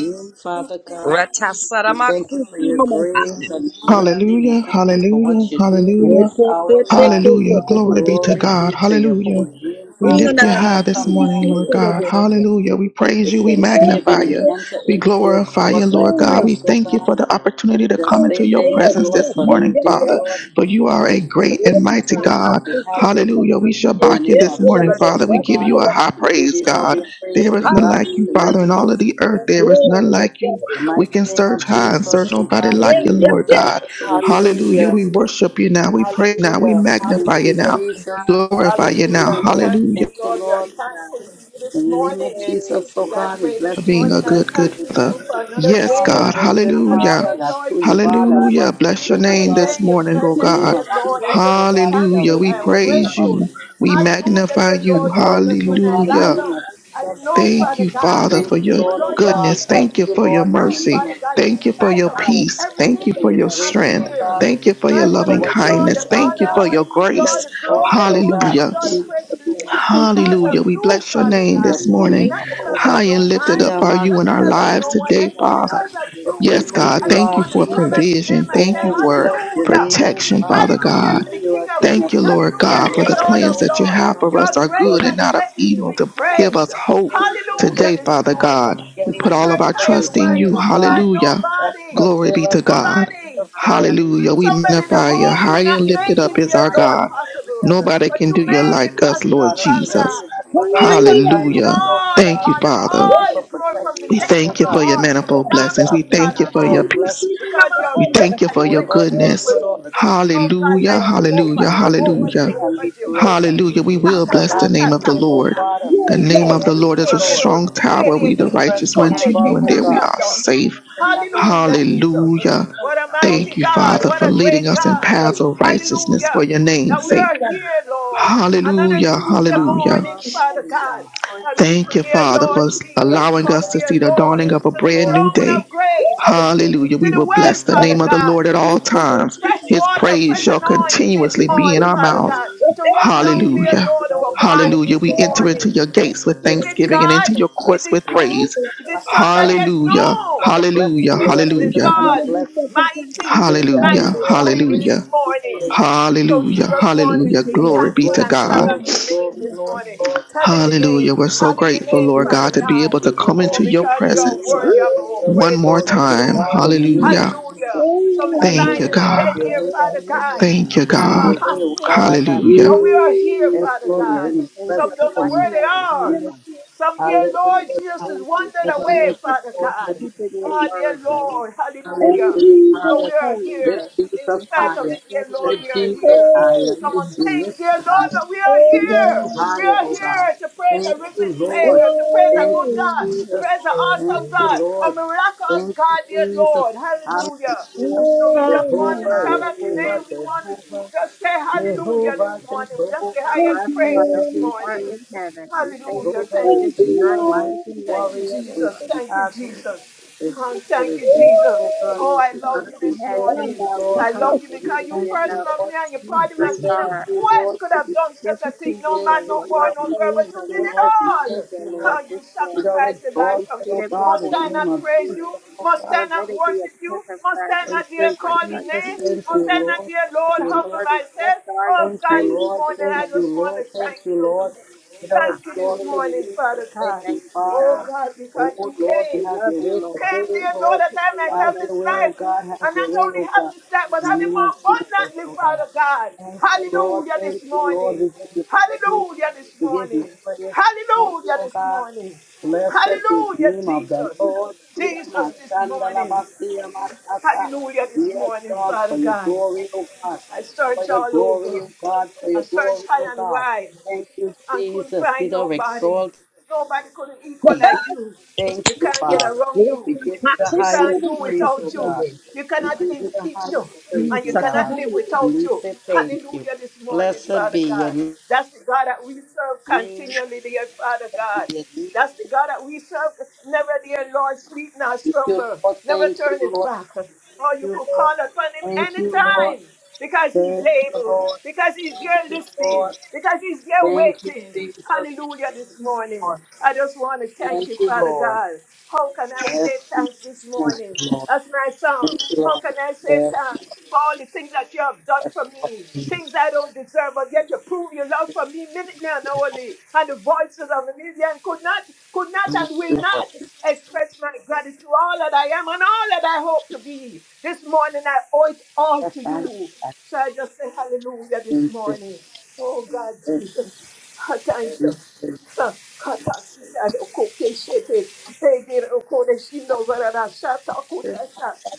[SPEAKER 3] Father God.
[SPEAKER 2] Thank you,
[SPEAKER 3] We
[SPEAKER 2] Jesus.
[SPEAKER 3] thank you for your grace
[SPEAKER 1] Ratasaramakusunomohana.
[SPEAKER 3] and
[SPEAKER 2] We
[SPEAKER 3] mercy.
[SPEAKER 2] love you,
[SPEAKER 3] We
[SPEAKER 4] Hallelujah,
[SPEAKER 3] thank
[SPEAKER 2] God.
[SPEAKER 3] you for what
[SPEAKER 4] hallelujah,
[SPEAKER 3] you're doing in
[SPEAKER 4] hallelujah,
[SPEAKER 3] this
[SPEAKER 2] You're
[SPEAKER 3] hour, God.
[SPEAKER 2] worthy of
[SPEAKER 4] hallelujah.
[SPEAKER 2] all
[SPEAKER 4] Glory
[SPEAKER 2] the
[SPEAKER 4] be to
[SPEAKER 3] Glory
[SPEAKER 2] praise.
[SPEAKER 1] Retesetekesetekesetata.
[SPEAKER 4] God.
[SPEAKER 3] be to your
[SPEAKER 4] Hallelujah.
[SPEAKER 3] holy name,
[SPEAKER 4] We
[SPEAKER 2] We
[SPEAKER 3] Father
[SPEAKER 4] lift
[SPEAKER 2] can
[SPEAKER 4] you
[SPEAKER 3] God.
[SPEAKER 2] do
[SPEAKER 3] We
[SPEAKER 4] high
[SPEAKER 2] it
[SPEAKER 4] this
[SPEAKER 3] come
[SPEAKER 4] morning,
[SPEAKER 2] all
[SPEAKER 3] before
[SPEAKER 4] Lord
[SPEAKER 2] the
[SPEAKER 3] your
[SPEAKER 4] God.
[SPEAKER 3] presence
[SPEAKER 1] Unananabasikikisorobosaya.
[SPEAKER 4] Hallelujah.
[SPEAKER 2] time.
[SPEAKER 4] We praise
[SPEAKER 3] with
[SPEAKER 4] you. We
[SPEAKER 1] Oh,
[SPEAKER 3] thanksgiving.
[SPEAKER 4] magnify
[SPEAKER 2] All
[SPEAKER 3] We
[SPEAKER 4] you.
[SPEAKER 2] the
[SPEAKER 1] Jesus.
[SPEAKER 3] enter
[SPEAKER 4] We
[SPEAKER 2] time.
[SPEAKER 3] into your
[SPEAKER 4] glorify you,
[SPEAKER 3] courts with
[SPEAKER 4] Lord
[SPEAKER 1] Oh,
[SPEAKER 4] God.
[SPEAKER 2] Thank
[SPEAKER 4] We
[SPEAKER 3] praise,
[SPEAKER 2] you,
[SPEAKER 3] oh
[SPEAKER 4] thank you
[SPEAKER 3] God.
[SPEAKER 4] for
[SPEAKER 2] Jesus.
[SPEAKER 4] the opportunity to come
[SPEAKER 3] Just
[SPEAKER 1] thank
[SPEAKER 3] say
[SPEAKER 4] into
[SPEAKER 1] you.
[SPEAKER 4] your
[SPEAKER 3] thank
[SPEAKER 1] Yes,
[SPEAKER 3] you,
[SPEAKER 4] presence
[SPEAKER 3] Lord,
[SPEAKER 2] We
[SPEAKER 4] this
[SPEAKER 1] yes,
[SPEAKER 3] for a
[SPEAKER 1] yes,
[SPEAKER 2] come
[SPEAKER 3] new
[SPEAKER 4] morning,
[SPEAKER 1] yes,
[SPEAKER 3] day,
[SPEAKER 4] Father.
[SPEAKER 1] yes.
[SPEAKER 2] together
[SPEAKER 3] Lord.
[SPEAKER 4] For you are
[SPEAKER 2] to
[SPEAKER 4] a
[SPEAKER 3] Thank you for
[SPEAKER 4] great
[SPEAKER 3] the
[SPEAKER 2] worship
[SPEAKER 4] and
[SPEAKER 2] you,
[SPEAKER 4] mighty
[SPEAKER 2] dear
[SPEAKER 3] victory that
[SPEAKER 4] God.
[SPEAKER 2] Lord.
[SPEAKER 3] we have in
[SPEAKER 2] We
[SPEAKER 3] you.
[SPEAKER 4] Hallelujah. We
[SPEAKER 2] come
[SPEAKER 1] Retasatakusunomohana.
[SPEAKER 4] shall
[SPEAKER 3] In
[SPEAKER 1] Yes,
[SPEAKER 3] the
[SPEAKER 4] back you
[SPEAKER 2] together
[SPEAKER 1] yes,
[SPEAKER 3] name
[SPEAKER 4] this
[SPEAKER 2] to
[SPEAKER 3] of
[SPEAKER 1] yes,
[SPEAKER 4] morning,
[SPEAKER 2] honor
[SPEAKER 1] yes,
[SPEAKER 4] Father.
[SPEAKER 3] Jesus,
[SPEAKER 2] you,
[SPEAKER 4] We
[SPEAKER 3] oh
[SPEAKER 2] dear
[SPEAKER 4] give
[SPEAKER 3] God,
[SPEAKER 4] you a
[SPEAKER 2] Lord.
[SPEAKER 1] yes.
[SPEAKER 4] high
[SPEAKER 3] we give
[SPEAKER 4] praise,
[SPEAKER 3] you all
[SPEAKER 2] We
[SPEAKER 4] God.
[SPEAKER 3] the
[SPEAKER 2] give
[SPEAKER 4] There
[SPEAKER 3] praise.
[SPEAKER 2] thanks,
[SPEAKER 3] We
[SPEAKER 4] is none
[SPEAKER 3] thank
[SPEAKER 4] like you,
[SPEAKER 1] Hallelujah.
[SPEAKER 3] you,
[SPEAKER 4] Father, in
[SPEAKER 2] praise
[SPEAKER 3] Jesus.
[SPEAKER 4] all of
[SPEAKER 2] to
[SPEAKER 4] the
[SPEAKER 2] you,
[SPEAKER 4] earth. There is
[SPEAKER 2] Lord.
[SPEAKER 4] none
[SPEAKER 1] Glory to
[SPEAKER 4] like
[SPEAKER 2] and
[SPEAKER 1] God.
[SPEAKER 4] you.
[SPEAKER 3] the
[SPEAKER 2] God.
[SPEAKER 4] We
[SPEAKER 3] mighty
[SPEAKER 4] can
[SPEAKER 3] name
[SPEAKER 4] search
[SPEAKER 3] of
[SPEAKER 4] high and
[SPEAKER 3] Jesus,
[SPEAKER 4] search
[SPEAKER 3] oh
[SPEAKER 4] nobody
[SPEAKER 3] God, in
[SPEAKER 1] Yes,
[SPEAKER 4] like you,
[SPEAKER 3] the name
[SPEAKER 1] yes,
[SPEAKER 2] Hallelujah.
[SPEAKER 4] Lord
[SPEAKER 3] of
[SPEAKER 1] yes.
[SPEAKER 4] God.
[SPEAKER 3] Jesus, so
[SPEAKER 2] Thanks,
[SPEAKER 3] we thank you,
[SPEAKER 2] praise.
[SPEAKER 4] Hallelujah.
[SPEAKER 5] Hallelujah.
[SPEAKER 2] We
[SPEAKER 4] We
[SPEAKER 2] give you
[SPEAKER 4] worship you now.
[SPEAKER 2] praise.
[SPEAKER 4] We pray
[SPEAKER 2] We give
[SPEAKER 4] now.
[SPEAKER 2] you
[SPEAKER 4] We
[SPEAKER 5] Hallelujah.
[SPEAKER 2] thanks.
[SPEAKER 3] Thank
[SPEAKER 4] magnify you
[SPEAKER 3] you,
[SPEAKER 5] Hallelujah.
[SPEAKER 4] now.
[SPEAKER 3] Jesus,
[SPEAKER 4] We
[SPEAKER 3] oh God,
[SPEAKER 4] glorify
[SPEAKER 3] thank
[SPEAKER 4] you now.
[SPEAKER 5] Hallelujah.
[SPEAKER 3] you,
[SPEAKER 2] Hallelujah.
[SPEAKER 3] Lord,
[SPEAKER 5] Thankful,
[SPEAKER 4] Hallelujah.
[SPEAKER 3] thank you,
[SPEAKER 5] Lord. We
[SPEAKER 2] Praise
[SPEAKER 5] are
[SPEAKER 3] Lord,
[SPEAKER 2] you, God.
[SPEAKER 5] thankful to you this
[SPEAKER 3] in the name
[SPEAKER 5] morning.
[SPEAKER 3] of
[SPEAKER 2] Praise
[SPEAKER 3] Jesus,
[SPEAKER 2] you,
[SPEAKER 3] oh
[SPEAKER 5] As I
[SPEAKER 3] God,
[SPEAKER 2] God.
[SPEAKER 3] we
[SPEAKER 5] pray
[SPEAKER 3] bless
[SPEAKER 4] For
[SPEAKER 5] this
[SPEAKER 3] you,
[SPEAKER 4] Being
[SPEAKER 3] we
[SPEAKER 4] a
[SPEAKER 5] morning, I'm
[SPEAKER 3] bless
[SPEAKER 4] good,
[SPEAKER 3] you,
[SPEAKER 4] good
[SPEAKER 3] we
[SPEAKER 5] thankful to you
[SPEAKER 3] bless
[SPEAKER 4] father.
[SPEAKER 5] for
[SPEAKER 3] you.
[SPEAKER 5] another
[SPEAKER 2] You're
[SPEAKER 4] Yes,
[SPEAKER 3] Our
[SPEAKER 5] day.
[SPEAKER 4] God.
[SPEAKER 3] good,
[SPEAKER 2] almighty,
[SPEAKER 3] good
[SPEAKER 2] God.
[SPEAKER 5] Another
[SPEAKER 3] Father,
[SPEAKER 4] Hallelujah.
[SPEAKER 5] day,
[SPEAKER 3] that's
[SPEAKER 5] Lord
[SPEAKER 3] who you are,
[SPEAKER 2] You're
[SPEAKER 5] Jesus.
[SPEAKER 3] that's what
[SPEAKER 4] Hallelujah.
[SPEAKER 2] loving,
[SPEAKER 4] Bless
[SPEAKER 3] you
[SPEAKER 4] your
[SPEAKER 2] God.
[SPEAKER 3] do, oh
[SPEAKER 5] Another
[SPEAKER 4] name
[SPEAKER 5] day
[SPEAKER 4] this
[SPEAKER 3] God.
[SPEAKER 5] in your
[SPEAKER 4] morning, oh
[SPEAKER 3] In the
[SPEAKER 5] presence,
[SPEAKER 3] name
[SPEAKER 2] You're
[SPEAKER 4] God.
[SPEAKER 3] of
[SPEAKER 5] dear
[SPEAKER 3] Jesus,
[SPEAKER 5] Lord. I just
[SPEAKER 3] oh
[SPEAKER 5] be
[SPEAKER 2] omniscient.
[SPEAKER 3] God,
[SPEAKER 2] We
[SPEAKER 3] be thou
[SPEAKER 2] thank
[SPEAKER 5] thankful.
[SPEAKER 4] Hallelujah.
[SPEAKER 2] you
[SPEAKER 4] We
[SPEAKER 5] I
[SPEAKER 2] for
[SPEAKER 5] am
[SPEAKER 3] exalted
[SPEAKER 2] being
[SPEAKER 4] praise
[SPEAKER 2] omniscient,
[SPEAKER 5] grateful.
[SPEAKER 4] you.
[SPEAKER 3] above
[SPEAKER 4] We
[SPEAKER 2] God.
[SPEAKER 5] Hallelujah,
[SPEAKER 4] magnify
[SPEAKER 5] dear
[SPEAKER 2] We
[SPEAKER 4] you.
[SPEAKER 5] Lord
[SPEAKER 2] thank you
[SPEAKER 3] authority,
[SPEAKER 2] for
[SPEAKER 5] Jesus.
[SPEAKER 3] oh
[SPEAKER 5] When I
[SPEAKER 2] being
[SPEAKER 3] God, in the
[SPEAKER 5] lie
[SPEAKER 4] Hallelujah.
[SPEAKER 3] name
[SPEAKER 5] down,
[SPEAKER 3] of Jesus,
[SPEAKER 5] I
[SPEAKER 2] omnipresent,
[SPEAKER 5] didn't know,
[SPEAKER 2] Lord.
[SPEAKER 3] oh God.
[SPEAKER 4] Thank
[SPEAKER 2] God.
[SPEAKER 5] Father
[SPEAKER 4] you,
[SPEAKER 5] God.
[SPEAKER 4] Father,
[SPEAKER 3] Thank
[SPEAKER 4] for
[SPEAKER 2] We
[SPEAKER 3] you,
[SPEAKER 4] your
[SPEAKER 5] But
[SPEAKER 2] thank
[SPEAKER 3] Lord, oh
[SPEAKER 2] you
[SPEAKER 5] Lord, you
[SPEAKER 2] for
[SPEAKER 5] have
[SPEAKER 3] God.
[SPEAKER 4] goodness.
[SPEAKER 2] being
[SPEAKER 3] Thank
[SPEAKER 4] Thank
[SPEAKER 5] kept
[SPEAKER 4] you
[SPEAKER 5] me
[SPEAKER 3] you,
[SPEAKER 4] for
[SPEAKER 5] through
[SPEAKER 4] your
[SPEAKER 3] Lord,
[SPEAKER 5] the
[SPEAKER 3] in
[SPEAKER 5] night,
[SPEAKER 3] the name
[SPEAKER 4] mercy.
[SPEAKER 5] Father
[SPEAKER 3] of
[SPEAKER 5] God, in
[SPEAKER 4] Thank
[SPEAKER 2] all
[SPEAKER 4] you
[SPEAKER 3] Jesus,
[SPEAKER 4] for
[SPEAKER 3] oh
[SPEAKER 5] spite
[SPEAKER 4] your
[SPEAKER 5] of
[SPEAKER 3] God.
[SPEAKER 4] peace.
[SPEAKER 2] powerful.
[SPEAKER 3] Thank
[SPEAKER 4] Thank
[SPEAKER 3] you
[SPEAKER 4] you
[SPEAKER 3] for
[SPEAKER 4] for
[SPEAKER 3] your
[SPEAKER 5] everything.
[SPEAKER 4] your
[SPEAKER 2] So
[SPEAKER 5] I'm
[SPEAKER 3] grace,
[SPEAKER 4] strength.
[SPEAKER 3] oh
[SPEAKER 5] here.
[SPEAKER 3] God.
[SPEAKER 4] Thank you for
[SPEAKER 5] So
[SPEAKER 3] Thank
[SPEAKER 4] your
[SPEAKER 5] I
[SPEAKER 2] you're
[SPEAKER 3] you
[SPEAKER 5] want to
[SPEAKER 3] for
[SPEAKER 4] loving
[SPEAKER 3] what
[SPEAKER 5] give you
[SPEAKER 2] worthy
[SPEAKER 3] you're
[SPEAKER 2] of
[SPEAKER 5] all
[SPEAKER 4] kindness.
[SPEAKER 5] the
[SPEAKER 3] doing, oh
[SPEAKER 4] Thank
[SPEAKER 2] all
[SPEAKER 5] honor.
[SPEAKER 4] you
[SPEAKER 2] the
[SPEAKER 5] I
[SPEAKER 3] God.
[SPEAKER 4] for
[SPEAKER 5] want
[SPEAKER 4] your
[SPEAKER 5] to give
[SPEAKER 2] praise.
[SPEAKER 5] you
[SPEAKER 3] You know,
[SPEAKER 5] all
[SPEAKER 4] grace.
[SPEAKER 5] the
[SPEAKER 3] it's
[SPEAKER 2] You're
[SPEAKER 3] also,
[SPEAKER 5] glory. I
[SPEAKER 3] oh
[SPEAKER 2] worthy
[SPEAKER 5] want to
[SPEAKER 3] God,
[SPEAKER 5] give
[SPEAKER 2] of
[SPEAKER 4] Hallelujah.
[SPEAKER 5] you all the
[SPEAKER 2] all
[SPEAKER 3] you
[SPEAKER 5] praise.
[SPEAKER 2] the
[SPEAKER 3] to be in
[SPEAKER 2] glory.
[SPEAKER 5] It's
[SPEAKER 3] my
[SPEAKER 5] because
[SPEAKER 3] life.
[SPEAKER 4] Hallelujah.
[SPEAKER 5] of
[SPEAKER 4] We
[SPEAKER 5] you,
[SPEAKER 2] We
[SPEAKER 4] bless your
[SPEAKER 2] thank
[SPEAKER 5] Father
[SPEAKER 2] you
[SPEAKER 4] name
[SPEAKER 3] The
[SPEAKER 2] for
[SPEAKER 5] God.
[SPEAKER 4] this
[SPEAKER 2] your
[SPEAKER 3] strong
[SPEAKER 4] morning.
[SPEAKER 5] Not
[SPEAKER 3] power, oh
[SPEAKER 5] because
[SPEAKER 2] faithfulness,
[SPEAKER 4] High
[SPEAKER 5] of
[SPEAKER 3] God.
[SPEAKER 5] no
[SPEAKER 4] and
[SPEAKER 2] Lord.
[SPEAKER 4] lifted up
[SPEAKER 5] man.
[SPEAKER 3] Shida
[SPEAKER 4] are
[SPEAKER 3] Ma,
[SPEAKER 4] you
[SPEAKER 5] Not
[SPEAKER 4] in our
[SPEAKER 5] because
[SPEAKER 2] We
[SPEAKER 5] of
[SPEAKER 4] lives
[SPEAKER 5] no
[SPEAKER 2] thank you
[SPEAKER 5] one
[SPEAKER 4] today,
[SPEAKER 5] else,
[SPEAKER 2] for
[SPEAKER 5] but
[SPEAKER 2] how
[SPEAKER 5] because
[SPEAKER 4] Father.
[SPEAKER 5] of
[SPEAKER 2] you
[SPEAKER 3] for
[SPEAKER 5] you.
[SPEAKER 3] being
[SPEAKER 4] Yes,
[SPEAKER 3] who
[SPEAKER 4] God.
[SPEAKER 5] I
[SPEAKER 3] you
[SPEAKER 2] are
[SPEAKER 5] just
[SPEAKER 4] Thank
[SPEAKER 3] are,
[SPEAKER 4] you
[SPEAKER 5] want to
[SPEAKER 4] for
[SPEAKER 5] shout
[SPEAKER 3] Jesus.
[SPEAKER 2] protected
[SPEAKER 5] out your
[SPEAKER 4] provision.
[SPEAKER 5] name and say,
[SPEAKER 4] Thank you
[SPEAKER 3] Oh, we
[SPEAKER 4] for
[SPEAKER 2] us,
[SPEAKER 3] bless your
[SPEAKER 5] Hallelujah.
[SPEAKER 3] name,
[SPEAKER 2] Thank
[SPEAKER 3] oh
[SPEAKER 4] protection,
[SPEAKER 2] you,
[SPEAKER 3] God.
[SPEAKER 2] God.
[SPEAKER 4] Father
[SPEAKER 3] We
[SPEAKER 5] Hallelujah
[SPEAKER 4] God.
[SPEAKER 5] to
[SPEAKER 3] know
[SPEAKER 5] the
[SPEAKER 3] you are
[SPEAKER 5] King of
[SPEAKER 3] King
[SPEAKER 4] Thank
[SPEAKER 3] of
[SPEAKER 5] Kings.
[SPEAKER 4] you,
[SPEAKER 2] Lord,
[SPEAKER 3] Kings
[SPEAKER 4] Lord
[SPEAKER 2] you
[SPEAKER 3] and
[SPEAKER 5] Hallelujah
[SPEAKER 4] God,
[SPEAKER 5] to
[SPEAKER 4] for
[SPEAKER 3] Lord
[SPEAKER 5] the
[SPEAKER 4] the
[SPEAKER 2] deserve
[SPEAKER 3] of
[SPEAKER 5] Lord
[SPEAKER 2] it.
[SPEAKER 4] plans
[SPEAKER 5] of
[SPEAKER 3] Lords,
[SPEAKER 4] that you
[SPEAKER 5] Lords.
[SPEAKER 4] have
[SPEAKER 2] All
[SPEAKER 3] oh
[SPEAKER 2] the
[SPEAKER 4] for
[SPEAKER 3] God.
[SPEAKER 5] You are
[SPEAKER 4] us are
[SPEAKER 2] glory,
[SPEAKER 3] You are
[SPEAKER 5] great
[SPEAKER 4] good and
[SPEAKER 2] all
[SPEAKER 3] the
[SPEAKER 5] and
[SPEAKER 4] not of
[SPEAKER 2] the
[SPEAKER 5] greatly to
[SPEAKER 4] evil
[SPEAKER 5] be
[SPEAKER 4] to
[SPEAKER 2] praise.
[SPEAKER 3] God,
[SPEAKER 4] give
[SPEAKER 5] praised.
[SPEAKER 4] us hope
[SPEAKER 3] you
[SPEAKER 2] Thank you,
[SPEAKER 3] evil in
[SPEAKER 2] Lord.
[SPEAKER 5] Hallelujah
[SPEAKER 4] today,
[SPEAKER 3] this
[SPEAKER 5] this
[SPEAKER 4] Father
[SPEAKER 3] day. We
[SPEAKER 5] morning.
[SPEAKER 3] come
[SPEAKER 4] God. We
[SPEAKER 3] against
[SPEAKER 5] I
[SPEAKER 4] put
[SPEAKER 2] Thank
[SPEAKER 3] the
[SPEAKER 2] you
[SPEAKER 4] all of
[SPEAKER 2] for
[SPEAKER 5] searched
[SPEAKER 4] our
[SPEAKER 3] evil
[SPEAKER 2] this
[SPEAKER 3] in
[SPEAKER 5] high and
[SPEAKER 3] this
[SPEAKER 4] trust in
[SPEAKER 5] wide,
[SPEAKER 3] day,
[SPEAKER 4] you.
[SPEAKER 3] oh
[SPEAKER 5] couldn't
[SPEAKER 2] day.
[SPEAKER 3] God.
[SPEAKER 5] find
[SPEAKER 4] Hallelujah.
[SPEAKER 3] That's
[SPEAKER 5] nobody.
[SPEAKER 3] the
[SPEAKER 4] Glory
[SPEAKER 3] bill
[SPEAKER 4] be
[SPEAKER 3] of
[SPEAKER 4] to God.
[SPEAKER 3] Jesus,
[SPEAKER 5] Nobody.
[SPEAKER 3] bill
[SPEAKER 5] Even
[SPEAKER 4] Hallelujah. We
[SPEAKER 2] Hallelujah.
[SPEAKER 3] of
[SPEAKER 5] somebody in the
[SPEAKER 4] magnify you.
[SPEAKER 5] home
[SPEAKER 2] Yes,
[SPEAKER 5] could
[SPEAKER 3] Jesus.
[SPEAKER 4] High and
[SPEAKER 5] not
[SPEAKER 3] We lift
[SPEAKER 2] God.
[SPEAKER 4] lifted
[SPEAKER 5] make
[SPEAKER 3] your
[SPEAKER 4] up
[SPEAKER 3] name
[SPEAKER 5] it,
[SPEAKER 3] on
[SPEAKER 4] is
[SPEAKER 5] dear
[SPEAKER 4] our
[SPEAKER 3] high
[SPEAKER 5] Lord,
[SPEAKER 4] God.
[SPEAKER 3] above every
[SPEAKER 5] possible.
[SPEAKER 3] other
[SPEAKER 4] Nobody
[SPEAKER 5] But
[SPEAKER 3] name,
[SPEAKER 4] can
[SPEAKER 3] oh
[SPEAKER 4] do
[SPEAKER 5] you
[SPEAKER 4] you
[SPEAKER 3] God.
[SPEAKER 5] made
[SPEAKER 2] We're
[SPEAKER 4] like
[SPEAKER 5] it
[SPEAKER 2] here
[SPEAKER 4] us,
[SPEAKER 2] to
[SPEAKER 5] possible,
[SPEAKER 4] Lord
[SPEAKER 3] Father,
[SPEAKER 5] Father
[SPEAKER 2] worship
[SPEAKER 3] strengthen
[SPEAKER 2] you
[SPEAKER 4] Jesus.
[SPEAKER 5] God.
[SPEAKER 2] and
[SPEAKER 3] us,
[SPEAKER 2] to
[SPEAKER 3] oh
[SPEAKER 5] So
[SPEAKER 2] worship
[SPEAKER 3] God,
[SPEAKER 5] I
[SPEAKER 3] in
[SPEAKER 2] you,
[SPEAKER 3] the
[SPEAKER 5] come to
[SPEAKER 1] Hallelujah.
[SPEAKER 2] Lord.
[SPEAKER 3] time
[SPEAKER 5] give
[SPEAKER 3] of
[SPEAKER 5] you
[SPEAKER 2] Yes,
[SPEAKER 4] Hallelujah.
[SPEAKER 2] God.
[SPEAKER 3] trouble, oh
[SPEAKER 5] all the
[SPEAKER 4] Thank
[SPEAKER 3] God.
[SPEAKER 4] you,
[SPEAKER 5] honor,
[SPEAKER 4] Father.
[SPEAKER 3] Thank you
[SPEAKER 5] all
[SPEAKER 3] for
[SPEAKER 5] the glory from
[SPEAKER 3] protecting
[SPEAKER 5] the
[SPEAKER 4] We
[SPEAKER 3] us,
[SPEAKER 2] Hallelujah.
[SPEAKER 5] depths
[SPEAKER 3] oh
[SPEAKER 5] of
[SPEAKER 4] thank you
[SPEAKER 5] my
[SPEAKER 2] Thank
[SPEAKER 3] God.
[SPEAKER 4] for your
[SPEAKER 2] you,
[SPEAKER 1] Hallelujah.
[SPEAKER 5] heart,
[SPEAKER 2] God.
[SPEAKER 5] from the
[SPEAKER 4] manifold
[SPEAKER 1] Yes,
[SPEAKER 3] Thank you,
[SPEAKER 5] down
[SPEAKER 1] yes,
[SPEAKER 4] blessings.
[SPEAKER 5] from
[SPEAKER 3] God,
[SPEAKER 4] We
[SPEAKER 2] Yes,
[SPEAKER 3] for
[SPEAKER 1] yes.
[SPEAKER 3] your
[SPEAKER 4] thank
[SPEAKER 5] Father
[SPEAKER 4] you
[SPEAKER 3] breath
[SPEAKER 2] God.
[SPEAKER 4] for
[SPEAKER 5] God.
[SPEAKER 4] your
[SPEAKER 3] of
[SPEAKER 4] peace.
[SPEAKER 1] Receive
[SPEAKER 3] blessings,
[SPEAKER 1] it,
[SPEAKER 3] oh
[SPEAKER 5] Because
[SPEAKER 1] Mama
[SPEAKER 3] God.
[SPEAKER 5] you're
[SPEAKER 4] We
[SPEAKER 2] Yes,
[SPEAKER 1] Thunder.
[SPEAKER 5] great
[SPEAKER 4] thank you
[SPEAKER 5] and
[SPEAKER 4] for
[SPEAKER 3] Oh
[SPEAKER 4] your
[SPEAKER 2] God.
[SPEAKER 5] greatly
[SPEAKER 3] Lord,
[SPEAKER 5] to
[SPEAKER 3] you
[SPEAKER 5] be
[SPEAKER 3] are
[SPEAKER 4] goodness.
[SPEAKER 3] good all the
[SPEAKER 1] Hallelujah.
[SPEAKER 5] praised.
[SPEAKER 3] time.
[SPEAKER 5] No God
[SPEAKER 2] We
[SPEAKER 4] Hallelujah,
[SPEAKER 2] look
[SPEAKER 5] like
[SPEAKER 2] to you
[SPEAKER 4] hallelujah,
[SPEAKER 5] Jehovah,
[SPEAKER 2] for
[SPEAKER 3] You're
[SPEAKER 2] our help,
[SPEAKER 5] Jehovah,
[SPEAKER 4] hallelujah.
[SPEAKER 3] amazing,
[SPEAKER 2] God.
[SPEAKER 3] and
[SPEAKER 5] Jehovah,
[SPEAKER 3] we
[SPEAKER 1] Amen.
[SPEAKER 3] bless
[SPEAKER 5] Jehovah.
[SPEAKER 3] you.
[SPEAKER 4] Hallelujah. We
[SPEAKER 3] We
[SPEAKER 2] God,
[SPEAKER 4] will
[SPEAKER 2] we
[SPEAKER 4] bless
[SPEAKER 2] know
[SPEAKER 5] Kakata
[SPEAKER 4] the
[SPEAKER 3] Shabbat,
[SPEAKER 2] you.
[SPEAKER 4] name
[SPEAKER 2] You
[SPEAKER 4] of the
[SPEAKER 3] your
[SPEAKER 5] shata
[SPEAKER 2] got
[SPEAKER 3] name, oh
[SPEAKER 4] Lord.
[SPEAKER 2] everything
[SPEAKER 5] kuta.
[SPEAKER 3] God, and
[SPEAKER 2] under
[SPEAKER 3] we
[SPEAKER 1] Yes,
[SPEAKER 4] The name
[SPEAKER 5] Kite
[SPEAKER 2] control.
[SPEAKER 1] Lord.
[SPEAKER 4] of the
[SPEAKER 3] thank
[SPEAKER 2] You're
[SPEAKER 4] Lord is
[SPEAKER 3] you,
[SPEAKER 4] a
[SPEAKER 5] shike
[SPEAKER 2] sovereign,
[SPEAKER 3] Lord.
[SPEAKER 5] tero.
[SPEAKER 4] strong
[SPEAKER 2] God.
[SPEAKER 4] tower.
[SPEAKER 3] Thank you
[SPEAKER 5] Tere
[SPEAKER 4] We, the
[SPEAKER 3] for strength
[SPEAKER 4] righteous,
[SPEAKER 3] from
[SPEAKER 4] run
[SPEAKER 5] kishiko
[SPEAKER 4] to
[SPEAKER 2] Yes,
[SPEAKER 4] you,
[SPEAKER 3] above,
[SPEAKER 5] tete
[SPEAKER 4] and
[SPEAKER 3] oh
[SPEAKER 4] there
[SPEAKER 2] God.
[SPEAKER 4] we
[SPEAKER 3] God.
[SPEAKER 4] are
[SPEAKER 3] Thank you
[SPEAKER 5] koshando.
[SPEAKER 4] safe.
[SPEAKER 3] for bringing us
[SPEAKER 2] We're
[SPEAKER 5] Hallelujah,
[SPEAKER 2] tired we
[SPEAKER 5] Jesus.
[SPEAKER 4] Hallelujah.
[SPEAKER 2] looking, oh,
[SPEAKER 5] What a
[SPEAKER 2] God.
[SPEAKER 3] glory to
[SPEAKER 5] mighty
[SPEAKER 4] Thank you,
[SPEAKER 2] And
[SPEAKER 5] God.
[SPEAKER 4] Father,
[SPEAKER 2] we
[SPEAKER 3] glory.
[SPEAKER 5] What
[SPEAKER 4] for
[SPEAKER 5] a
[SPEAKER 2] thank
[SPEAKER 4] leading
[SPEAKER 2] you
[SPEAKER 5] great
[SPEAKER 4] us
[SPEAKER 2] for
[SPEAKER 4] in
[SPEAKER 2] that.
[SPEAKER 5] God.
[SPEAKER 1] Yes,
[SPEAKER 4] paths of
[SPEAKER 1] God.
[SPEAKER 4] righteousness for
[SPEAKER 5] Hallelujah.
[SPEAKER 2] Yes,
[SPEAKER 4] your
[SPEAKER 5] That
[SPEAKER 4] name's
[SPEAKER 5] we
[SPEAKER 1] Yes,
[SPEAKER 4] sake.
[SPEAKER 5] are
[SPEAKER 1] God.
[SPEAKER 3] Thank
[SPEAKER 5] here,
[SPEAKER 3] you,
[SPEAKER 5] Lord.
[SPEAKER 3] Jesus, for
[SPEAKER 5] Another
[SPEAKER 3] being
[SPEAKER 4] Hallelujah.
[SPEAKER 3] who you
[SPEAKER 5] Tuesday
[SPEAKER 3] are, oh
[SPEAKER 4] Hallelujah.
[SPEAKER 5] morning,
[SPEAKER 3] God, and for
[SPEAKER 5] Father
[SPEAKER 3] the gift
[SPEAKER 5] God.
[SPEAKER 2] God.
[SPEAKER 3] of glory.
[SPEAKER 5] That we
[SPEAKER 4] Thank
[SPEAKER 5] could
[SPEAKER 4] you,
[SPEAKER 5] hear,
[SPEAKER 3] We
[SPEAKER 4] Father,
[SPEAKER 2] Hallelujah.
[SPEAKER 3] give
[SPEAKER 5] Lord
[SPEAKER 4] for
[SPEAKER 3] you praise,
[SPEAKER 5] Jesus,
[SPEAKER 4] allowing
[SPEAKER 3] oh
[SPEAKER 5] come
[SPEAKER 4] us to
[SPEAKER 3] God.
[SPEAKER 4] see
[SPEAKER 5] near,
[SPEAKER 4] the
[SPEAKER 5] Lord,
[SPEAKER 4] dawning
[SPEAKER 3] Thank
[SPEAKER 4] of a
[SPEAKER 2] Thank
[SPEAKER 5] to
[SPEAKER 3] you,
[SPEAKER 5] the
[SPEAKER 2] you,
[SPEAKER 4] brand
[SPEAKER 3] Lord,
[SPEAKER 2] God.
[SPEAKER 4] new
[SPEAKER 5] throne
[SPEAKER 3] for the
[SPEAKER 5] of
[SPEAKER 4] day.
[SPEAKER 3] gift
[SPEAKER 5] grace,
[SPEAKER 3] of the praise.
[SPEAKER 2] Hallelujah.
[SPEAKER 4] Hallelujah.
[SPEAKER 5] to
[SPEAKER 4] We
[SPEAKER 5] the
[SPEAKER 4] will
[SPEAKER 2] Yes,
[SPEAKER 1] Yes,
[SPEAKER 5] well,
[SPEAKER 4] bless the
[SPEAKER 2] God.
[SPEAKER 5] Father
[SPEAKER 4] name
[SPEAKER 1] God.
[SPEAKER 4] of the
[SPEAKER 5] God.
[SPEAKER 4] Lord at all
[SPEAKER 3] Thank you, Lord
[SPEAKER 4] times.
[SPEAKER 5] Fresh
[SPEAKER 3] Jesus.
[SPEAKER 2] Yes.
[SPEAKER 4] His
[SPEAKER 3] Thank
[SPEAKER 5] water,
[SPEAKER 4] praise
[SPEAKER 3] you,
[SPEAKER 5] fresh
[SPEAKER 4] shall
[SPEAKER 3] Lord.
[SPEAKER 5] anointing,
[SPEAKER 4] continuously
[SPEAKER 1] Yes,
[SPEAKER 3] Thank
[SPEAKER 1] God. Yes,
[SPEAKER 4] be
[SPEAKER 5] oil,
[SPEAKER 4] in
[SPEAKER 3] you.
[SPEAKER 1] yes,
[SPEAKER 4] our
[SPEAKER 3] Lord.
[SPEAKER 5] Father
[SPEAKER 1] Lord.
[SPEAKER 4] mouths.
[SPEAKER 5] God,
[SPEAKER 2] Amen.
[SPEAKER 1] Yes,
[SPEAKER 5] to
[SPEAKER 2] Thank
[SPEAKER 1] yes, yes,
[SPEAKER 5] run
[SPEAKER 2] you,
[SPEAKER 5] down
[SPEAKER 3] Hallelujah.
[SPEAKER 5] there,
[SPEAKER 2] God.
[SPEAKER 4] Hallelujah.
[SPEAKER 5] Lord,
[SPEAKER 3] Lord
[SPEAKER 5] our
[SPEAKER 3] of God,
[SPEAKER 5] body
[SPEAKER 3] Lord
[SPEAKER 4] Hallelujah.
[SPEAKER 5] this
[SPEAKER 4] We
[SPEAKER 2] Thank
[SPEAKER 1] yes,
[SPEAKER 3] of
[SPEAKER 2] you,
[SPEAKER 4] enter
[SPEAKER 3] us.
[SPEAKER 2] God.
[SPEAKER 4] into
[SPEAKER 5] morning.
[SPEAKER 4] your
[SPEAKER 3] Thank
[SPEAKER 4] gates with
[SPEAKER 3] you,
[SPEAKER 5] Is
[SPEAKER 3] Lord
[SPEAKER 5] it
[SPEAKER 2] Hallelujah.
[SPEAKER 4] thanksgiving and
[SPEAKER 3] Jesus,
[SPEAKER 5] God?
[SPEAKER 4] into
[SPEAKER 3] Lord
[SPEAKER 4] your
[SPEAKER 3] of us.
[SPEAKER 5] Is
[SPEAKER 4] courts
[SPEAKER 5] it
[SPEAKER 4] with
[SPEAKER 3] Bless
[SPEAKER 5] you?
[SPEAKER 4] praise.
[SPEAKER 3] you,
[SPEAKER 5] Is it
[SPEAKER 3] Father
[SPEAKER 1] God.
[SPEAKER 5] somebody
[SPEAKER 3] God.
[SPEAKER 5] else?
[SPEAKER 2] Hallelujah.
[SPEAKER 3] We
[SPEAKER 4] Hallelujah.
[SPEAKER 5] No.
[SPEAKER 3] want to bless
[SPEAKER 4] Hallelujah.
[SPEAKER 3] you,
[SPEAKER 5] It
[SPEAKER 2] Thank
[SPEAKER 3] Lord,
[SPEAKER 5] is
[SPEAKER 3] and we
[SPEAKER 2] you,
[SPEAKER 5] the
[SPEAKER 3] just
[SPEAKER 4] Hallelujah.
[SPEAKER 2] God.
[SPEAKER 3] want
[SPEAKER 5] God
[SPEAKER 3] to
[SPEAKER 1] Miracles
[SPEAKER 3] bless
[SPEAKER 1] that
[SPEAKER 3] you.
[SPEAKER 1] can come true
[SPEAKER 5] mighty,
[SPEAKER 1] to
[SPEAKER 3] Great
[SPEAKER 1] the
[SPEAKER 3] are you,
[SPEAKER 5] mighty
[SPEAKER 4] Hallelujah.
[SPEAKER 3] Lord,
[SPEAKER 1] generation.
[SPEAKER 3] and
[SPEAKER 5] battle
[SPEAKER 3] great
[SPEAKER 5] this
[SPEAKER 4] Hallelujah.
[SPEAKER 3] is your
[SPEAKER 5] morning.
[SPEAKER 2] Thank you,
[SPEAKER 3] praise.
[SPEAKER 2] God.
[SPEAKER 5] So
[SPEAKER 4] Hallelujah.
[SPEAKER 5] Jesus wanted
[SPEAKER 1] Thank
[SPEAKER 4] Hallelujah.
[SPEAKER 5] to
[SPEAKER 1] you,
[SPEAKER 5] be
[SPEAKER 3] Jesus,
[SPEAKER 1] Lord.
[SPEAKER 4] Glory be
[SPEAKER 5] thankful
[SPEAKER 4] to
[SPEAKER 3] glory,
[SPEAKER 5] and
[SPEAKER 1] Thank
[SPEAKER 5] shout
[SPEAKER 4] God.
[SPEAKER 1] you,
[SPEAKER 5] out
[SPEAKER 3] glory,
[SPEAKER 5] your
[SPEAKER 1] Lord.
[SPEAKER 5] name
[SPEAKER 3] glory,
[SPEAKER 1] Yes,
[SPEAKER 5] this
[SPEAKER 3] glory,
[SPEAKER 1] Lord.
[SPEAKER 5] morning.
[SPEAKER 3] glory,
[SPEAKER 5] Tell her your
[SPEAKER 4] Hallelujah.
[SPEAKER 5] name.
[SPEAKER 4] We're so
[SPEAKER 5] Holler your
[SPEAKER 4] grateful,
[SPEAKER 3] glory.
[SPEAKER 5] name,
[SPEAKER 4] Lord
[SPEAKER 2] Thank
[SPEAKER 1] Yes,
[SPEAKER 4] God,
[SPEAKER 5] Father
[SPEAKER 4] to
[SPEAKER 2] you.
[SPEAKER 1] Lord.
[SPEAKER 4] be
[SPEAKER 5] God.
[SPEAKER 4] able to
[SPEAKER 2] We
[SPEAKER 4] come
[SPEAKER 5] Oh,
[SPEAKER 2] worship
[SPEAKER 4] into
[SPEAKER 3] Thank
[SPEAKER 4] your
[SPEAKER 3] you,
[SPEAKER 2] you.
[SPEAKER 5] because you're
[SPEAKER 4] presence
[SPEAKER 2] You're
[SPEAKER 5] worthy
[SPEAKER 2] worthy,
[SPEAKER 5] of
[SPEAKER 1] Ooh.
[SPEAKER 3] Jesus.
[SPEAKER 5] our
[SPEAKER 3] Lord,
[SPEAKER 2] Lord.
[SPEAKER 4] one
[SPEAKER 5] praise,
[SPEAKER 4] more
[SPEAKER 3] Lord,
[SPEAKER 5] dear
[SPEAKER 3] Lord
[SPEAKER 4] time.
[SPEAKER 5] Lord.
[SPEAKER 3] God, in the name of
[SPEAKER 4] Hallelujah.
[SPEAKER 3] Jesus.
[SPEAKER 5] Hallelujah. So he's
[SPEAKER 3] Have your
[SPEAKER 4] Thank
[SPEAKER 5] lying
[SPEAKER 4] you,
[SPEAKER 1] Hallelujah.
[SPEAKER 5] in a
[SPEAKER 3] way, have
[SPEAKER 5] bed,
[SPEAKER 4] God.
[SPEAKER 3] your
[SPEAKER 5] dear
[SPEAKER 3] way,
[SPEAKER 5] Father
[SPEAKER 3] have your way.
[SPEAKER 5] God.
[SPEAKER 4] Thank you,
[SPEAKER 1] Hallelujah.
[SPEAKER 3] Have
[SPEAKER 5] Uh,
[SPEAKER 3] your way,
[SPEAKER 4] God.
[SPEAKER 3] oh
[SPEAKER 5] hospice.
[SPEAKER 3] God, have your
[SPEAKER 4] Hallelujah.
[SPEAKER 5] But we
[SPEAKER 3] way.
[SPEAKER 5] are here,
[SPEAKER 1] Ooh,
[SPEAKER 3] Yes,
[SPEAKER 5] Father
[SPEAKER 3] Lord, we are
[SPEAKER 5] God.
[SPEAKER 3] in your
[SPEAKER 2] Thank you
[SPEAKER 5] Some
[SPEAKER 3] presence
[SPEAKER 2] for
[SPEAKER 5] don't know
[SPEAKER 3] and
[SPEAKER 5] where
[SPEAKER 2] watching
[SPEAKER 5] they
[SPEAKER 3] in
[SPEAKER 2] over us,
[SPEAKER 1] Yeah.
[SPEAKER 5] are.
[SPEAKER 3] hallelujah.
[SPEAKER 2] God.
[SPEAKER 5] Some dear Lord
[SPEAKER 3] Hallelujah,
[SPEAKER 5] Jesus
[SPEAKER 3] God.
[SPEAKER 5] is
[SPEAKER 2] Thank you
[SPEAKER 5] wandered
[SPEAKER 2] for
[SPEAKER 5] away,
[SPEAKER 3] Heavenly,
[SPEAKER 5] Father
[SPEAKER 3] restore your
[SPEAKER 5] God.
[SPEAKER 2] keeping your
[SPEAKER 5] Ah,
[SPEAKER 3] name.
[SPEAKER 5] dear
[SPEAKER 2] word, God.
[SPEAKER 5] Lord,
[SPEAKER 2] Thank
[SPEAKER 1] Oh,
[SPEAKER 5] hallelujah.
[SPEAKER 2] you
[SPEAKER 3] Hallelujah,
[SPEAKER 2] for being
[SPEAKER 5] So
[SPEAKER 1] Jesus.
[SPEAKER 3] hallelujah.
[SPEAKER 5] we are
[SPEAKER 2] holy,
[SPEAKER 3] Lift
[SPEAKER 2] God.
[SPEAKER 5] here.
[SPEAKER 3] Jesus
[SPEAKER 5] In
[SPEAKER 2] Thank you
[SPEAKER 5] spite
[SPEAKER 2] for
[SPEAKER 5] of
[SPEAKER 3] higher.
[SPEAKER 5] it, dear
[SPEAKER 2] setting us
[SPEAKER 5] Lord, we
[SPEAKER 3] Lift
[SPEAKER 5] are
[SPEAKER 2] standards
[SPEAKER 3] Jesus
[SPEAKER 5] here.
[SPEAKER 2] for
[SPEAKER 3] higher.
[SPEAKER 2] us,
[SPEAKER 1] Hey.
[SPEAKER 5] Someone
[SPEAKER 2] God.
[SPEAKER 3] We
[SPEAKER 5] sings,
[SPEAKER 3] lift
[SPEAKER 5] dear
[SPEAKER 3] you
[SPEAKER 5] Lord,
[SPEAKER 3] higher.
[SPEAKER 5] but we are
[SPEAKER 3] We
[SPEAKER 1] Oh,
[SPEAKER 2] Yes,
[SPEAKER 3] lift
[SPEAKER 5] here.
[SPEAKER 3] you
[SPEAKER 2] Lord.
[SPEAKER 1] God.
[SPEAKER 5] We
[SPEAKER 3] higher,
[SPEAKER 5] are
[SPEAKER 3] oh God.
[SPEAKER 5] here to praise
[SPEAKER 2] Thank
[SPEAKER 5] a
[SPEAKER 3] Thank
[SPEAKER 2] you.
[SPEAKER 5] risen
[SPEAKER 3] you, Lord.
[SPEAKER 5] Savior, to praise a
[SPEAKER 3] Thank
[SPEAKER 5] good
[SPEAKER 3] you,
[SPEAKER 1] Oh.
[SPEAKER 5] God, to
[SPEAKER 3] Jesus.
[SPEAKER 5] praise an
[SPEAKER 1] Oh.
[SPEAKER 3] Thank
[SPEAKER 5] awesome
[SPEAKER 3] you,
[SPEAKER 5] God, a
[SPEAKER 3] Lord.
[SPEAKER 5] miraculous
[SPEAKER 3] Thank you,
[SPEAKER 5] God, dear
[SPEAKER 3] Jesus.
[SPEAKER 5] Lord. Hallelujah.
[SPEAKER 3] Hallelujah.
[SPEAKER 5] So we just want to
[SPEAKER 3] Jehovah,
[SPEAKER 1] Oh.
[SPEAKER 5] shout out your
[SPEAKER 3] Jehovah,
[SPEAKER 5] name.
[SPEAKER 2] Hallelujah.
[SPEAKER 5] We
[SPEAKER 2] We
[SPEAKER 5] want to
[SPEAKER 3] Jehovah.
[SPEAKER 5] just say
[SPEAKER 2] Thank
[SPEAKER 5] hallelujah
[SPEAKER 2] you,
[SPEAKER 3] Jehovah,
[SPEAKER 5] this
[SPEAKER 2] Lord.
[SPEAKER 5] morning. Just
[SPEAKER 3] Jehovah.
[SPEAKER 5] the
[SPEAKER 1] Thank
[SPEAKER 2] Our
[SPEAKER 5] highest
[SPEAKER 1] you.
[SPEAKER 5] praise
[SPEAKER 3] Thank
[SPEAKER 2] Father
[SPEAKER 1] Lord.
[SPEAKER 5] this
[SPEAKER 2] who
[SPEAKER 3] you,
[SPEAKER 2] art
[SPEAKER 5] morning.
[SPEAKER 3] Jesus.
[SPEAKER 2] in heaven, we thank
[SPEAKER 5] Hallelujah.
[SPEAKER 2] you for
[SPEAKER 3] Jehovah
[SPEAKER 5] Thank
[SPEAKER 3] is
[SPEAKER 5] you,
[SPEAKER 1] Thank
[SPEAKER 3] the
[SPEAKER 2] sitting
[SPEAKER 1] you,
[SPEAKER 3] name,
[SPEAKER 2] high and
[SPEAKER 5] Jesus.
[SPEAKER 1] Lord.
[SPEAKER 3] mighty
[SPEAKER 2] looking low,
[SPEAKER 5] Thank you,
[SPEAKER 3] warrior,
[SPEAKER 5] Jesus.
[SPEAKER 3] great
[SPEAKER 2] Lord.
[SPEAKER 3] and
[SPEAKER 5] Thank you,
[SPEAKER 3] active.
[SPEAKER 5] Jesus. Oh,
[SPEAKER 3] Jehovah
[SPEAKER 5] thank
[SPEAKER 3] is
[SPEAKER 5] you,
[SPEAKER 3] the name, O
[SPEAKER 5] Jesus.
[SPEAKER 3] God.
[SPEAKER 1] Woo.
[SPEAKER 5] Oh,
[SPEAKER 2] Thank
[SPEAKER 5] I
[SPEAKER 2] you, Lord.
[SPEAKER 5] love
[SPEAKER 3] Father,
[SPEAKER 2] If
[SPEAKER 5] you
[SPEAKER 2] we
[SPEAKER 3] we
[SPEAKER 5] this
[SPEAKER 2] had
[SPEAKER 3] thank
[SPEAKER 1] Ah.
[SPEAKER 2] 10,000
[SPEAKER 5] morning.
[SPEAKER 3] you, Lord.
[SPEAKER 5] I
[SPEAKER 2] tongues,
[SPEAKER 5] love you
[SPEAKER 2] it
[SPEAKER 3] We
[SPEAKER 5] because
[SPEAKER 2] wouldn't
[SPEAKER 5] you
[SPEAKER 3] thank
[SPEAKER 2] be
[SPEAKER 5] first
[SPEAKER 3] you,
[SPEAKER 2] enough
[SPEAKER 5] loved me
[SPEAKER 3] Lord.
[SPEAKER 5] and you
[SPEAKER 2] to
[SPEAKER 5] pardoned
[SPEAKER 3] We
[SPEAKER 5] my
[SPEAKER 2] bring
[SPEAKER 1] Jesus.
[SPEAKER 5] sin.
[SPEAKER 3] thank
[SPEAKER 5] And
[SPEAKER 2] our
[SPEAKER 5] who
[SPEAKER 3] you,
[SPEAKER 5] else
[SPEAKER 3] Lord.
[SPEAKER 5] could
[SPEAKER 3] We
[SPEAKER 5] have
[SPEAKER 3] thank
[SPEAKER 5] done
[SPEAKER 2] gifts
[SPEAKER 5] such a
[SPEAKER 3] you, Lord.
[SPEAKER 2] to
[SPEAKER 5] thing?
[SPEAKER 3] We
[SPEAKER 2] you,
[SPEAKER 5] No
[SPEAKER 3] thank
[SPEAKER 2] dear
[SPEAKER 5] man, no
[SPEAKER 3] you,
[SPEAKER 2] Lord,
[SPEAKER 5] boy,
[SPEAKER 2] our
[SPEAKER 5] no girl,
[SPEAKER 2] praise
[SPEAKER 5] but you
[SPEAKER 2] and
[SPEAKER 5] did it
[SPEAKER 2] worship
[SPEAKER 3] Lord.
[SPEAKER 2] to
[SPEAKER 3] We
[SPEAKER 5] all.
[SPEAKER 2] you,
[SPEAKER 3] thank
[SPEAKER 2] dear
[SPEAKER 3] you, Lord.
[SPEAKER 5] How
[SPEAKER 2] Lord,
[SPEAKER 5] you
[SPEAKER 2] this
[SPEAKER 3] We
[SPEAKER 2] morning.
[SPEAKER 3] don't
[SPEAKER 5] sacrificed your life
[SPEAKER 2] We
[SPEAKER 3] exalt
[SPEAKER 5] for
[SPEAKER 3] you,
[SPEAKER 2] sit
[SPEAKER 3] O
[SPEAKER 5] me.
[SPEAKER 2] it
[SPEAKER 3] God,
[SPEAKER 5] Must
[SPEAKER 3] in
[SPEAKER 2] before
[SPEAKER 5] I
[SPEAKER 3] the
[SPEAKER 2] you,
[SPEAKER 3] name
[SPEAKER 5] not
[SPEAKER 2] dear
[SPEAKER 3] of
[SPEAKER 5] praise
[SPEAKER 3] Jesus,
[SPEAKER 2] Lord.
[SPEAKER 5] you?
[SPEAKER 3] O
[SPEAKER 5] Must
[SPEAKER 3] God.
[SPEAKER 5] I
[SPEAKER 2] Lord, let
[SPEAKER 5] not
[SPEAKER 2] it be a
[SPEAKER 5] worship you?
[SPEAKER 2] pleasant
[SPEAKER 5] Must I
[SPEAKER 2] fragrance
[SPEAKER 3] Thank
[SPEAKER 5] not
[SPEAKER 3] you,
[SPEAKER 5] dear call
[SPEAKER 2] fragrance
[SPEAKER 5] your
[SPEAKER 2] unto
[SPEAKER 3] Jesus.
[SPEAKER 5] name?
[SPEAKER 2] you,
[SPEAKER 3] Thank
[SPEAKER 2] dear
[SPEAKER 5] Must
[SPEAKER 3] you,
[SPEAKER 5] I
[SPEAKER 2] Lord.
[SPEAKER 5] not
[SPEAKER 3] Lord.
[SPEAKER 5] dear
[SPEAKER 3] Thank
[SPEAKER 5] Lord
[SPEAKER 3] you,
[SPEAKER 2] So
[SPEAKER 5] humble
[SPEAKER 3] Lord.
[SPEAKER 2] Lord, we
[SPEAKER 5] myself?
[SPEAKER 2] accept our
[SPEAKER 5] Oh
[SPEAKER 3] Thank
[SPEAKER 5] God,
[SPEAKER 3] you,
[SPEAKER 5] this
[SPEAKER 2] praise
[SPEAKER 3] Lord.
[SPEAKER 2] this
[SPEAKER 5] morning I
[SPEAKER 3] Thank you,
[SPEAKER 2] morning.
[SPEAKER 5] just want
[SPEAKER 3] Lord.
[SPEAKER 5] to thank
[SPEAKER 3] Thank you,
[SPEAKER 2] Thank you,
[SPEAKER 3] Lord.
[SPEAKER 5] you.
[SPEAKER 2] Lord.
[SPEAKER 3] You know,
[SPEAKER 5] Thank you this
[SPEAKER 3] exalted
[SPEAKER 5] morning,
[SPEAKER 2] Hallelujah.
[SPEAKER 3] Jesus.
[SPEAKER 5] Father
[SPEAKER 3] Thank
[SPEAKER 5] God.
[SPEAKER 3] you,
[SPEAKER 2] Thank you,
[SPEAKER 5] Oh
[SPEAKER 3] Father.
[SPEAKER 2] God.
[SPEAKER 5] God, because
[SPEAKER 3] Oh,
[SPEAKER 5] you
[SPEAKER 3] Lord, we
[SPEAKER 5] came.
[SPEAKER 2] We
[SPEAKER 3] have
[SPEAKER 2] love
[SPEAKER 3] your
[SPEAKER 2] you,
[SPEAKER 3] way
[SPEAKER 5] You
[SPEAKER 2] Lord.
[SPEAKER 5] came
[SPEAKER 3] today,
[SPEAKER 5] there, Lord,
[SPEAKER 3] Lord.
[SPEAKER 2] Thank
[SPEAKER 5] that
[SPEAKER 2] you
[SPEAKER 5] I
[SPEAKER 2] for
[SPEAKER 5] might
[SPEAKER 2] loving
[SPEAKER 3] Have
[SPEAKER 5] have
[SPEAKER 2] us
[SPEAKER 5] this
[SPEAKER 3] your way, oh
[SPEAKER 5] life.
[SPEAKER 2] first. and
[SPEAKER 3] God. Have
[SPEAKER 5] And not
[SPEAKER 3] your way,
[SPEAKER 5] only
[SPEAKER 3] oh
[SPEAKER 5] have
[SPEAKER 3] God.
[SPEAKER 5] this life, but
[SPEAKER 3] In the
[SPEAKER 5] have it
[SPEAKER 3] name of
[SPEAKER 5] more
[SPEAKER 3] Jesus,
[SPEAKER 5] abundantly,
[SPEAKER 3] oh
[SPEAKER 5] Father
[SPEAKER 3] God.
[SPEAKER 5] God.
[SPEAKER 3] Thank you, Lord.
[SPEAKER 5] Hallelujah
[SPEAKER 3] Thank
[SPEAKER 5] this
[SPEAKER 3] you, Lord.
[SPEAKER 5] morning.
[SPEAKER 3] We give you praise.
[SPEAKER 5] Hallelujah this
[SPEAKER 3] We give you
[SPEAKER 5] morning.
[SPEAKER 3] praise this morning,
[SPEAKER 5] Hallelujah
[SPEAKER 3] O
[SPEAKER 5] this
[SPEAKER 3] God.
[SPEAKER 5] morning.
[SPEAKER 3] Blessed be the
[SPEAKER 5] Hallelujah,
[SPEAKER 3] name of the
[SPEAKER 5] Jesus.
[SPEAKER 3] Lord.
[SPEAKER 5] Jesus this morning.
[SPEAKER 3] Shiramashandalabasiyamashata.
[SPEAKER 5] Hallelujah this
[SPEAKER 3] Yes,
[SPEAKER 5] morning,
[SPEAKER 3] God, for
[SPEAKER 5] Father
[SPEAKER 3] your
[SPEAKER 5] God.
[SPEAKER 3] glory, oh God.
[SPEAKER 5] I
[SPEAKER 3] For
[SPEAKER 5] search
[SPEAKER 3] your
[SPEAKER 5] all
[SPEAKER 3] glory,
[SPEAKER 5] over.
[SPEAKER 3] O God. For
[SPEAKER 5] I
[SPEAKER 3] your
[SPEAKER 5] search
[SPEAKER 3] glory, O
[SPEAKER 5] high and
[SPEAKER 3] God.
[SPEAKER 5] wide.
[SPEAKER 3] Thank you,
[SPEAKER 5] I couldn't
[SPEAKER 3] Jesus. Be
[SPEAKER 5] find
[SPEAKER 3] thou
[SPEAKER 5] nobody.
[SPEAKER 3] exalted.
[SPEAKER 5] Nobody could equal like you.
[SPEAKER 3] Thank
[SPEAKER 5] You
[SPEAKER 3] you,
[SPEAKER 5] can't get
[SPEAKER 3] Father.
[SPEAKER 5] around
[SPEAKER 1] Yes,
[SPEAKER 5] you.
[SPEAKER 3] We give you
[SPEAKER 1] I
[SPEAKER 3] the
[SPEAKER 5] You
[SPEAKER 1] consider
[SPEAKER 3] highest
[SPEAKER 5] can't do
[SPEAKER 1] them to take
[SPEAKER 3] praise,
[SPEAKER 1] a
[SPEAKER 3] oh
[SPEAKER 5] without you.
[SPEAKER 3] God.
[SPEAKER 1] holiday.
[SPEAKER 5] You
[SPEAKER 3] We
[SPEAKER 5] cannot
[SPEAKER 3] give you the
[SPEAKER 5] impeach you.
[SPEAKER 3] highest praise,
[SPEAKER 5] And you
[SPEAKER 3] oh
[SPEAKER 5] cannot
[SPEAKER 3] God.
[SPEAKER 5] live without
[SPEAKER 3] We
[SPEAKER 5] you.
[SPEAKER 3] say thank you.
[SPEAKER 5] Hallelujah this morning,
[SPEAKER 3] Blessed
[SPEAKER 5] Father
[SPEAKER 3] be your
[SPEAKER 5] God. That's the God that we serve
[SPEAKER 3] name. Blessed
[SPEAKER 5] continually, dear Father
[SPEAKER 3] Be
[SPEAKER 5] God. That's the God that we serve. Never, dear Lord, sleep nor
[SPEAKER 3] your name.
[SPEAKER 5] slumber. Never
[SPEAKER 3] Thank
[SPEAKER 5] turn
[SPEAKER 3] you,
[SPEAKER 5] his
[SPEAKER 3] Lord.
[SPEAKER 5] back. Oh,
[SPEAKER 3] Thank
[SPEAKER 5] you
[SPEAKER 3] you,
[SPEAKER 5] could
[SPEAKER 3] Lord.
[SPEAKER 5] call upon him
[SPEAKER 3] Thank you, Lord.
[SPEAKER 5] anytime because he's
[SPEAKER 3] Thank you,
[SPEAKER 5] able,
[SPEAKER 3] Lord.
[SPEAKER 5] because he's
[SPEAKER 3] Thank
[SPEAKER 5] there
[SPEAKER 3] you, Lord. Thank you,
[SPEAKER 5] listening,
[SPEAKER 3] Lord.
[SPEAKER 5] because he's there
[SPEAKER 3] Thank you,
[SPEAKER 5] waiting.
[SPEAKER 3] Jesus,
[SPEAKER 5] Hallelujah this morning.
[SPEAKER 3] Lord.
[SPEAKER 5] I just want to thank you,
[SPEAKER 3] Thank you,
[SPEAKER 5] Father
[SPEAKER 3] Lord.
[SPEAKER 5] God. How can I say
[SPEAKER 3] Yes,
[SPEAKER 5] thanks this
[SPEAKER 3] Jesus. Thank
[SPEAKER 5] morning?
[SPEAKER 3] you, Lord.
[SPEAKER 5] That's my song.
[SPEAKER 3] Thank you,
[SPEAKER 5] How
[SPEAKER 3] Lord.
[SPEAKER 5] can I say
[SPEAKER 3] Yes,
[SPEAKER 5] thanks? for all the things that you have done for me,
[SPEAKER 3] yes,
[SPEAKER 5] things I don't deserve, but yet you prove your love for me minutely and hourly. And the voices of a million could not, could not
[SPEAKER 3] Lord.
[SPEAKER 5] and
[SPEAKER 3] Yes,
[SPEAKER 5] will not
[SPEAKER 3] Lord.
[SPEAKER 5] express my gratitude, all that I am and all that I hope to be. This morning I owe it all to you. So I just say hallelujah this morning. Oh God, Jesus, I thank you.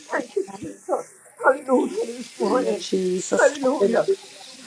[SPEAKER 5] Thank you, Jesus. Hallelujah this morning.
[SPEAKER 3] Jesus.
[SPEAKER 5] Hallelujah.
[SPEAKER 3] Hallelujah.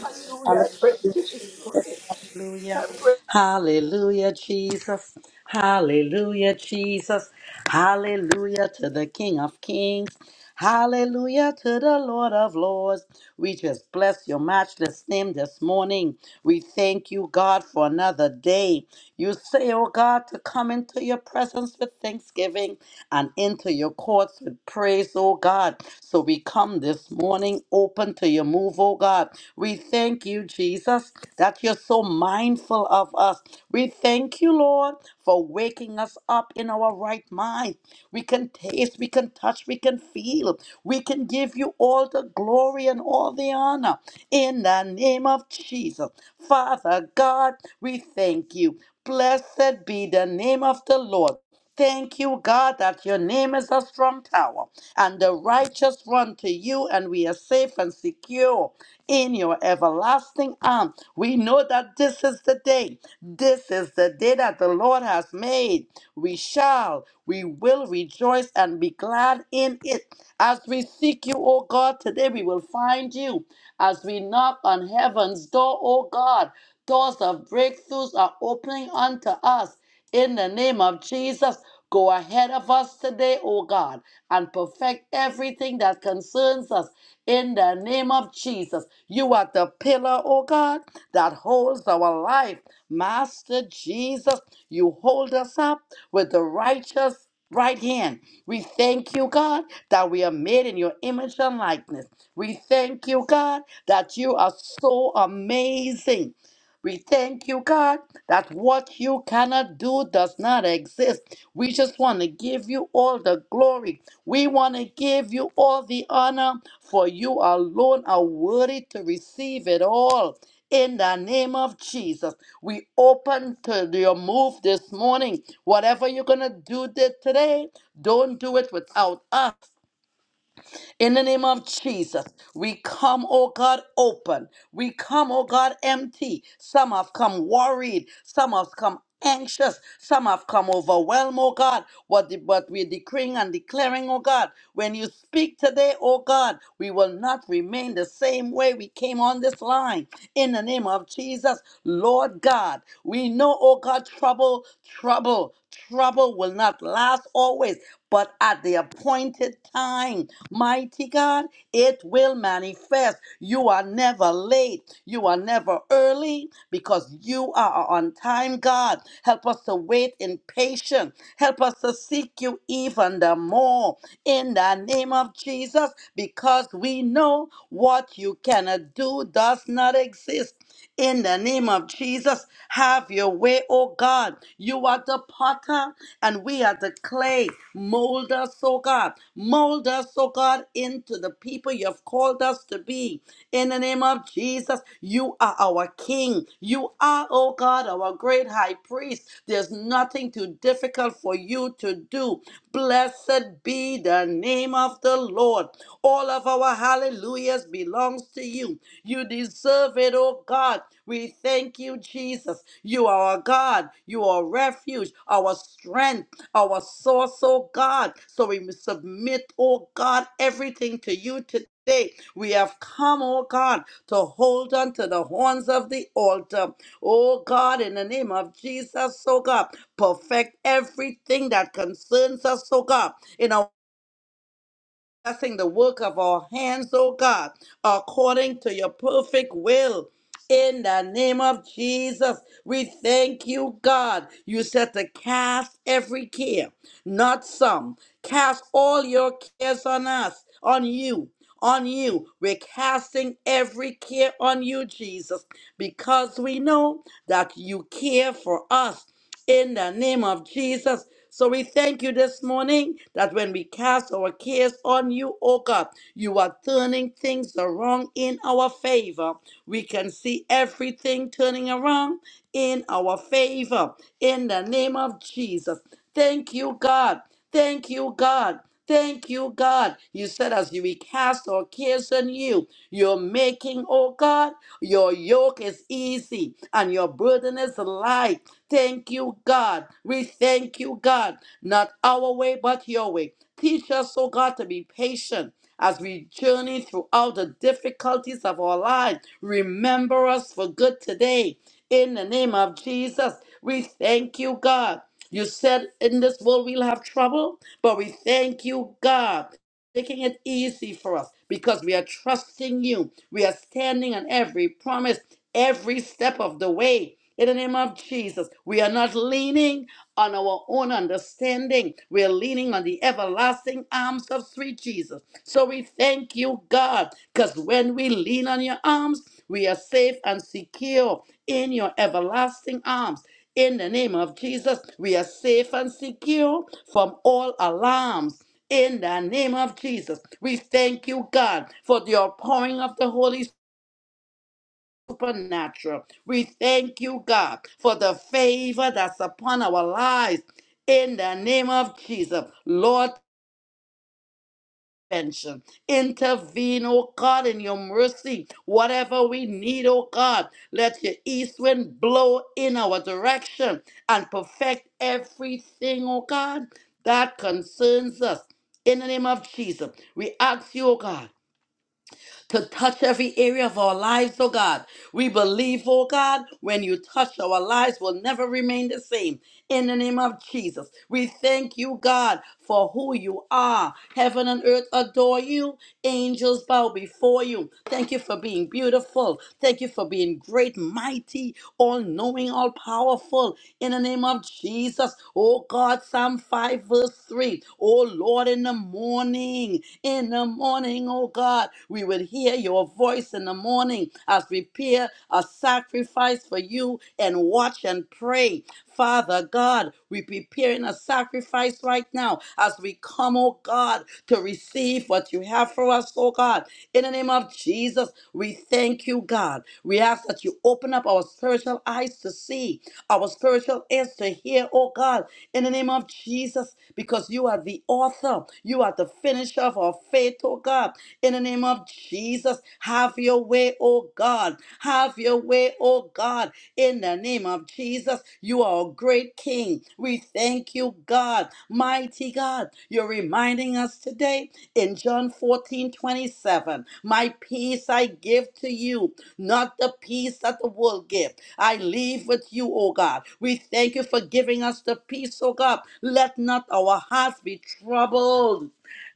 [SPEAKER 5] Hallelujah. I
[SPEAKER 3] Hallelujah,
[SPEAKER 5] praise you this morning.
[SPEAKER 3] Jesus. Hallelujah.
[SPEAKER 5] I praise
[SPEAKER 3] Hallelujah, Jesus. Hallelujah, Jesus. Hallelujah to the King of Kings. Hallelujah to the Lord of Lords. We just bless your matchless name this morning. We thank you, God, for another day. You say, oh God, to come into your presence with thanksgiving and into your courts with and praise, oh God. So we come this morning open to your move, oh God. We thank you, Jesus, that you're so mindful of us. We thank you, Lord, for waking us up in our right mind. We can taste, we can touch, we can feel. We can give you all the glory and all the honor in the name of Jesus. Father God, we thank you. Blessed be the name of the Lord. Thank you, God, that your name is a strong tower, and the righteous run to you, and we are safe and secure in your everlasting arm. We know that this is the day. This is the day that the Lord has made. We shall, we will rejoice and be glad in it. As we seek you, O God, today we will find you. As we knock on heaven's door, O God, doors of breakthroughs are opening unto us. In the name of Jesus, Go ahead of us today, O God, and perfect everything that concerns us in the name of Jesus. You are the pillar, O God, that holds our life. Master Jesus, you hold us up with the righteous right hand. We thank you, God, that we are made in your image and likeness. We thank you, God, that you are so amazing. We thank you, God, that what you cannot do does not exist. We just want to give you all the glory. We want to give you all the honor, for you alone are worthy to receive it all. In the name of Jesus, we open to your move this morning. Whatever you're going to do thi- today, don't do it without us. In the name of Jesus, we come, oh God, open. We come, oh God, empty. Some have come worried. Some have come anxious. Some have come overwhelmed, oh God. What, the, what we're decreeing and declaring, oh God. When you speak today, oh God, we will not remain the same way we came on this line. In the name of Jesus, Lord God, we know, oh God, trouble, trouble, trouble will not last always, but at the appointed time. Mighty God, it will manifest. You are never late. You are never early because you are on time, God. Help us to wait in patience. Help us to seek you even the more in the name of Jesus because we know what you cannot do does not exist. In the name of Jesus, have your way, oh God. You are the potter and we are the clay. Mold us, oh God. Mold us, oh God, into the people you have called us to be. In the name of Jesus, you are our King. You are, oh God, our great high priest. There's nothing too difficult for you to do. Blessed be the name of the Lord. All of our hallelujahs belongs to you. You deserve it, oh God. We thank you, Jesus. You are our God. You are refuge, our strength, our source, oh God. So we submit, oh God, everything to you today. We have come, oh God, to hold on to the horns of the altar. Oh God, in the name of Jesus, so God, perfect everything that concerns us, so God, in our blessing the work of our hands, O God, according to your perfect will. In the name of Jesus, we thank you, God. You said to cast every care, not some. Cast all your cares on us, on you, on you. We're casting every care on you, Jesus, because we know that you care for us in the name of Jesus. So we thank you this morning that when we cast our cares on you, O God, you are turning things around in our favor. We can see everything turning around in our favor in the name of Jesus. Thank you, God. Thank you, God. Thank you, God. You said as we cast our cares on you, you're making, oh God, your yoke is easy and your burden is light Thank you, God. We thank you, God. Not our way, but your way. Teach us, oh God, to be patient as we journey throughout the difficulties of our lives. Remember us for good today. In the name of Jesus, we thank you, God. You said in this world we'll have trouble, but we thank you, God, making it easy for us because we are trusting you. We are standing on every promise, every step of the way. In the name of Jesus, we are not leaning on our own understanding. We are leaning on the everlasting arms of sweet Jesus. So we thank you, God, because when we lean on your arms, we are safe and secure in your everlasting arms. In the name of Jesus, we are safe and secure from all alarms. In the name of Jesus, we thank you, God, for the outpouring of the Holy supernatural. We thank you, God, for the favor that's upon our lives in the name of Jesus. Lord, intervention. Intervene, oh God, in your mercy. Whatever we need, oh God, let your east wind blow in our direction and perfect everything, oh God, that concerns us. In the name of Jesus, we ask you, oh God, to touch every area of our lives, oh God. We believe, oh God, when you touch our lives, will never remain the same. In the name of Jesus, we thank you, God, for who you are. Heaven and earth adore you, angels bow before you. Thank you for being beautiful. Thank you for being great, mighty, all knowing, all powerful. In the name of Jesus, oh God, Psalm 5, verse 3. Oh Lord, in the morning, in the morning, oh God, we would hear your voice in the morning as we prepare a sacrifice for you and watch and pray. Father God, we're preparing a sacrifice right now as we come, oh God, to receive what you have for us, oh God. In the name of Jesus, we thank you, God. We ask that you open up our spiritual eyes to see, our spiritual ears to hear, oh God, in the name of Jesus, because you are the author, you are the finisher of our of faith, oh God. In the name of Jesus, have your way, oh God. Have your way, oh God. In the name of Jesus, you are a great King. We thank you, God. Mighty God, you're reminding us today in John 14 27. My peace I give to you, not the peace that the world gives. I leave with you, oh God. We thank you for giving us the peace, oh God. Let not our hearts be troubled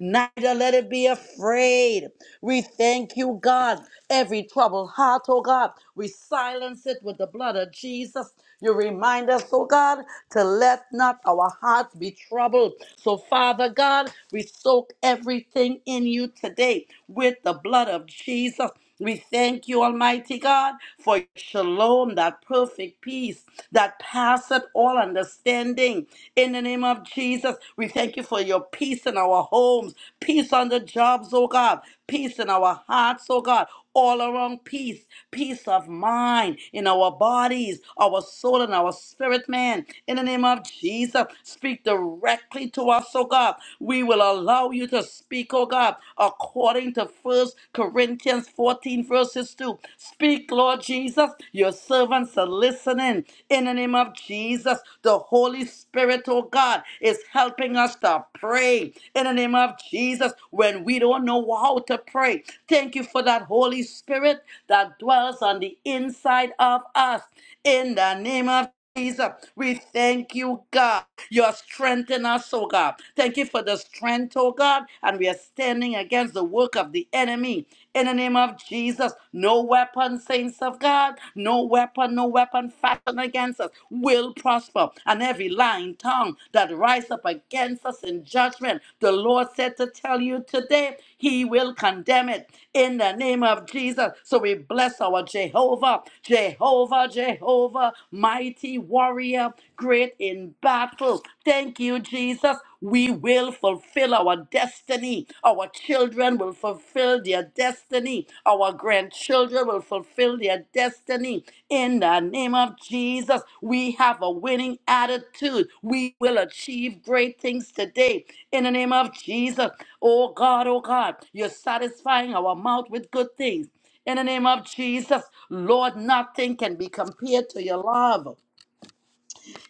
[SPEAKER 3] neither let it be afraid. We thank you, God. Every troubled heart, oh God, we silence it with the blood of Jesus. You remind us, oh God, to let not our hearts be troubled. So, Father God, we soak everything in you today with the blood of Jesus. We thank you, Almighty God, for your shalom, that perfect peace that passeth all understanding understanding. In the name of Jesus, we thank you for your peace in our homes, peace on the jobs, oh God, peace in our hearts, oh God. All around peace, peace of mind in our bodies, our soul, and our spirit, man. In the name of Jesus, speak directly to us, oh God. We will allow you to speak, oh God, according to First Corinthians 14, verses 2. Speak, Lord Jesus. Your servants are listening. In the name of Jesus, the Holy Spirit, oh God, is helping us to pray. In the name of Jesus, when we don't know how to pray, thank you for that Holy Spirit that dwells on the inside of us. In the name of Jesus, we thank you, God. You are strengthening us, oh God. Thank you for the strength, oh God. And we are standing against the work of the enemy in the name of Jesus. No weapon, saints of God, no weapon, no weapon fashioned against us will prosper. And every lying tongue that rise up against us in judgment, the Lord said to tell you today, He will condemn it in the name of Jesus. So we bless our Jehovah, Jehovah, Jehovah, mighty warrior, great in battle. Thank you, Jesus. We we will fulfill our destiny. Our children will fulfill their destiny. Our grandchildren will fulfill their destiny. In the name of Jesus, we have a winning attitude. We will achieve great things today. In the name of Jesus, oh God, oh God, you're satisfying our mouth with good things. In the name of Jesus, Lord, nothing can be compared to your love.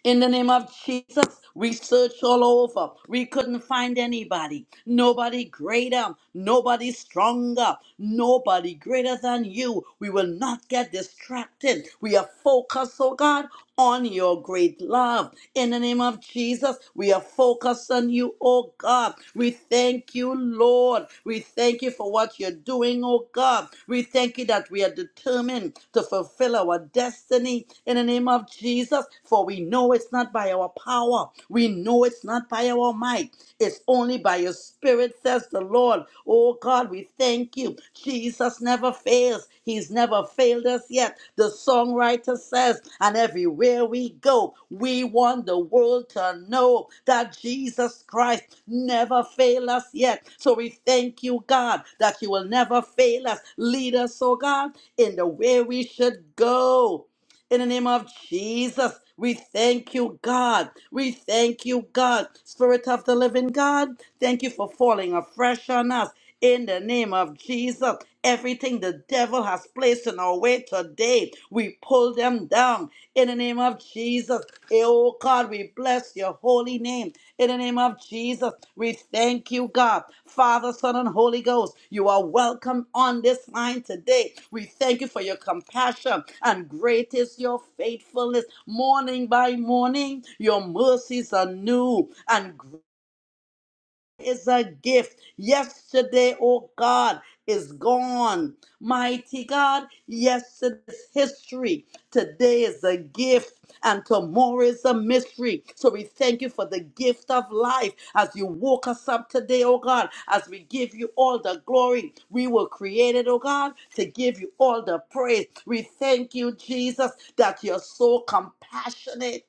[SPEAKER 3] In the name of Jesus, we searched all over. We couldn't find anybody. Nobody greater, nobody stronger, nobody greater than you. We will not get distracted. We are focused, oh God, on your great love. In the name of Jesus, we are focused on you, oh God. We thank you, Lord. We thank you for what you're doing, oh God. We thank you that we are determined to fulfill our destiny in the name of Jesus, for we know it's not by our power. We know it's not by our might. It's only by your spirit, says the Lord. Oh God, we thank you. Jesus never fails. He's never failed us yet. The songwriter says, and everywhere we go, we want the world to know that Jesus Christ never failed us yet. So we thank you, God, that you will never fail us. Lead us, oh God, in the way we should go. In the name of Jesus, we thank you, God. We thank you, God. Spirit of the living God, thank you for falling afresh on us. In the name of Jesus, everything the devil has placed in our way today, we pull them down. In the name of Jesus, Oh God, we bless your holy name. In the name of Jesus, we thank you, God. Father, Son, and Holy Ghost, you are welcome on this line today. We thank you for your compassion, and great is your faithfulness. Morning by morning, your mercies are new, and great is a gift. Yesterday, oh God, is gone. Mighty God, yesterday's history. Today is a gift, and tomorrow is a mystery. So we thank you for the gift of life as you woke us up today, oh God, as we give you all the glory. We were created, oh God, to give you all the praise. We thank you, Jesus, that you're so compassionate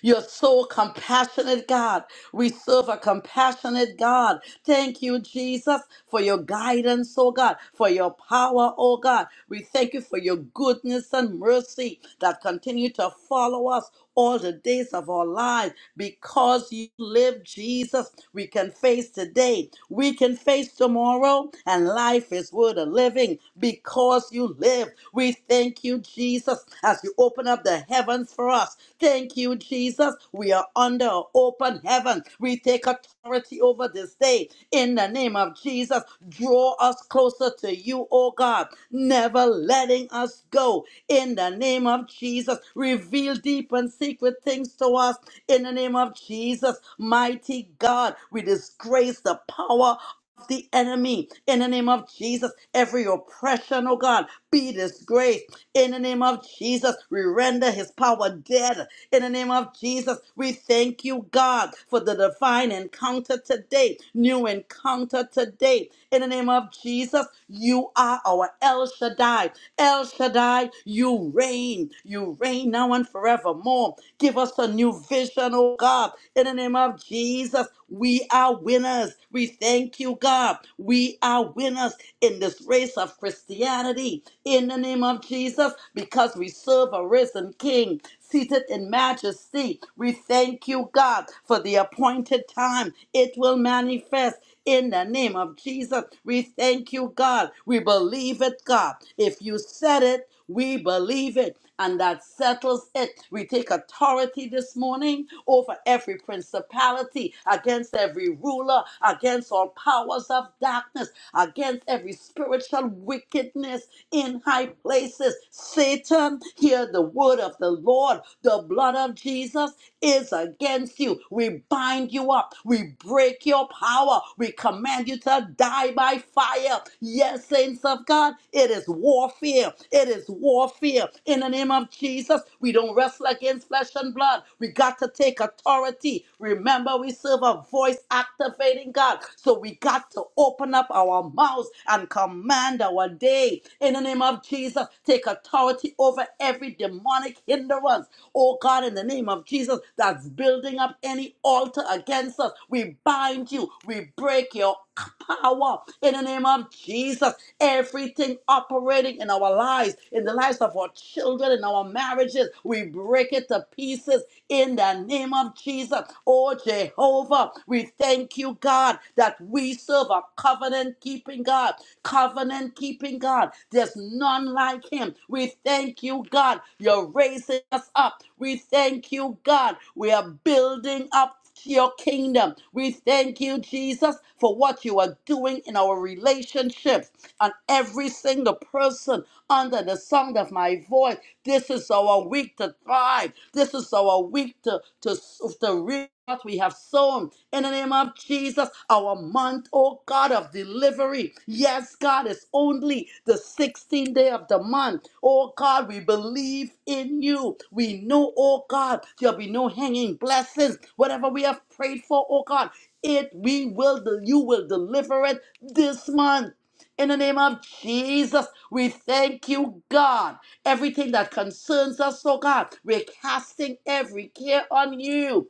[SPEAKER 3] you're so compassionate, God. We serve a compassionate God. Thank you, Jesus, for your guidance, oh God, for your power, oh God. We thank you for your goodness and mercy that continue to follow us all the days of our lives. Because you live Jesus, we can face today, we can face tomorrow, and life is worth a living because you live. We thank you, Jesus, as you open up the heavens for us. Thank you, Jesus. We are under an open heaven. We take authority over this day in the name of Jesus. Draw us closer to you, oh God, never letting us go in the name of Jesus. Reveal deep and unseen secret things to us in the name of Jesus. Mighty God, we disgrace the power of the enemy in the name of Jesus. Every oppression, oh God, be disgraced in the name of Jesus. We render his power dead in the name of Jesus. We thank you, God, for the divine encounter today, new encounter today. In the name of Jesus, you are our El Shaddai. El Shaddai, you reign. You you reign now and forevermore. Give us a new vision, oh God. In the name of Jesus, we are winners. We thank you, God. We are winners in this race of Christianity. In the name of Jesus, because we serve a risen King seated in majesty. We thank you, God, for the appointed time. It will manifest. In the name of Jesus, we thank you, God. We believe it, God. If you said it, we believe it, and that settles it. We take authority this morning over every principality, against every ruler, against all powers of darkness, against every spiritual wickedness in high places. Satan, hear the word of the Lord. The blood of Jesus is against you. We bind you up. We break your power. We command you to die by fire. Yes, saints of God, it is warfare. It is warfare. In the name of Jesus, we don't wrestle against flesh and blood. We got to take authority. Remember, we serve a voice activating God. So we got to open up our mouths and command our day. In the name of Jesus, take authority over every demonic hindrance. Oh God, in the name of Jesus, that's building up any altar against us. We bind you. We break your power in the name of Jesus. Everything operating in our lives, in the lives of our children, in our marriages, we break it to pieces in the name of Jesus. Oh, Jehovah, we thank you, God, that we serve a covenant keeping God. Covenant keeping God. There's none like him. We thank you, God. You're raising us up. We thank you, God. We are building up to your kingdom. We thank you, Jesus, for what you are doing in our relationships and every single person under the sound of my voice. This is our week to thrive. This is our week to, to, to reap what we have sown alone. In the name of Jesus, our month, oh God, of delivery. Yes, God, it's only the 16th day of the month. Oh God, we believe in you. We know, oh God, there'll be no hanging blessings. Whatever we have prayed for, oh God, it we will you will deliver it this month. In the name of Jesus, we thank you, God. Everything that concerns us, oh God, we're casting every care on you.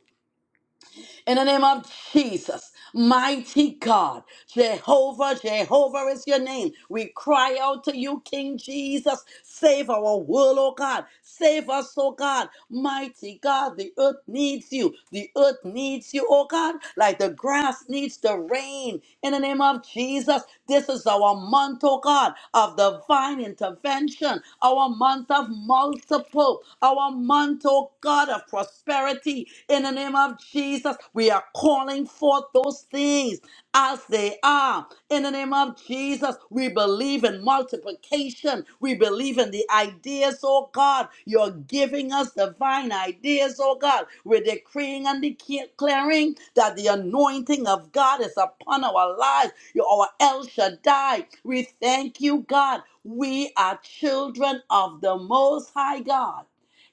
[SPEAKER 3] In the name of Jesus, mighty God, Jehovah, Jehovah is your name. We cry out to you, King Jesus. Save our world, oh God. Save us, oh God. Mighty God, the earth needs you. The earth needs you, oh God, like the grass needs the rain. In the name of Jesus, this is our month, oh God, of divine intervention, our month of multiple, our month, oh God, of prosperity prosperity in the name of Jesus. We are calling forth those things as they are in the name of Jesus. We believe in multiplication. We believe in the ideas, oh God. You're giving us divine ideas, oh God. We're decreeing and declaring that the anointing of God is upon our lives. You're our El Shaddai. We thank you, God. We are children of the Most High God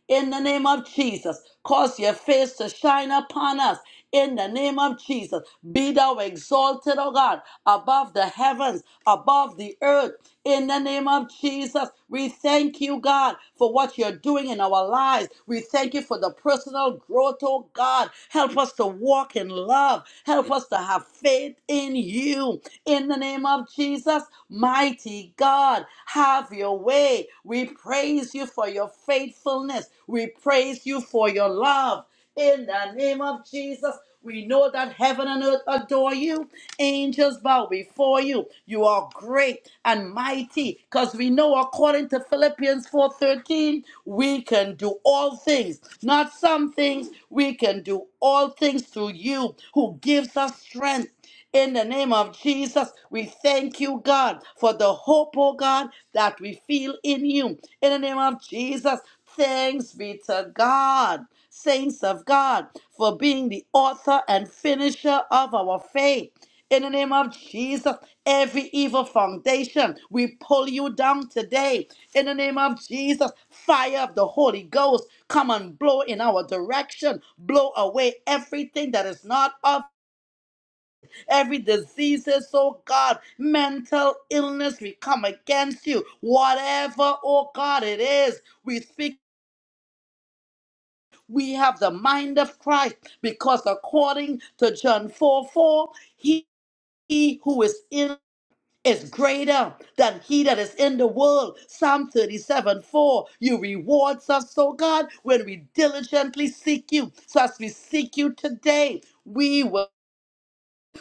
[SPEAKER 3] in the name of Jesus. Cause your face to shine upon us in the name of Jesus. Be thou exalted, O God, above the heavens, above the earth, in the name of Jesus. We thank you, God, for what you're doing in our lives. We thank you for the personal growth, oh God. Help us to walk in love. Help us to have faith in you in the name of Jesus, mighty God, have your way. We praise you for your faithfulness. We praise you for your love. In the name of Jesus, we know that heaven and earth adore you. Angels bow before you. You are great and mighty because we know according to Philippians 4:13, we can do all things, not some things. We can do all things through you who gives us strength. In the name of Jesus, we thank you, God, for the hope, oh God, that we feel in you. In the name of Jesus, thanks be to God, saints of God, for being the author and finisher of our faith. In the name of Jesus, every evil foundation, we pull you down today. In the name of Jesus, fire of the Holy Ghost, come and blow in our direction. Blow away everything that is not of Every diseases, oh God, mental illness, we come against you. Whatever, oh God, it is, we speak. We have the mind of Christ because according to John 4 4, he, he who is in is greater than he that is in the world. Psalm 37 4. You rewards us, oh God, when we diligently seek you. So as we seek you today, we will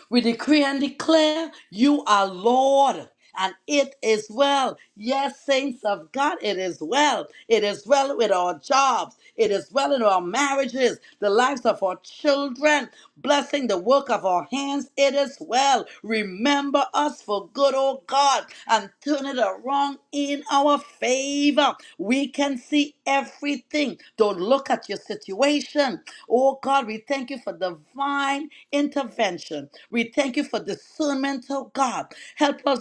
[SPEAKER 3] we decree and declare you are Lord. and it is well. Yes, saints of God, it is well. It is well with our jobs. It is well in our marriages, the lives of our children, blessing the work of our hands. It is well. Remember us for good, oh God, and turn it around in our favor. We can see everything. Don't look at your situation. Oh God, we thank you for divine intervention. We thank you for discernment, oh God. Help us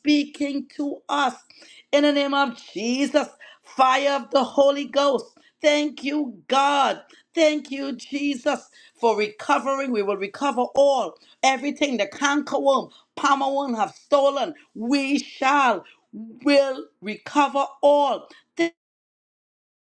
[SPEAKER 3] speaking to us. In the name of Jesus, fire of the Holy Ghost. Thank you, God. Thank you, Jesus, for recovering. We will recover all, everything the cankerworm, palmerworm have stolen. We shall, will recover all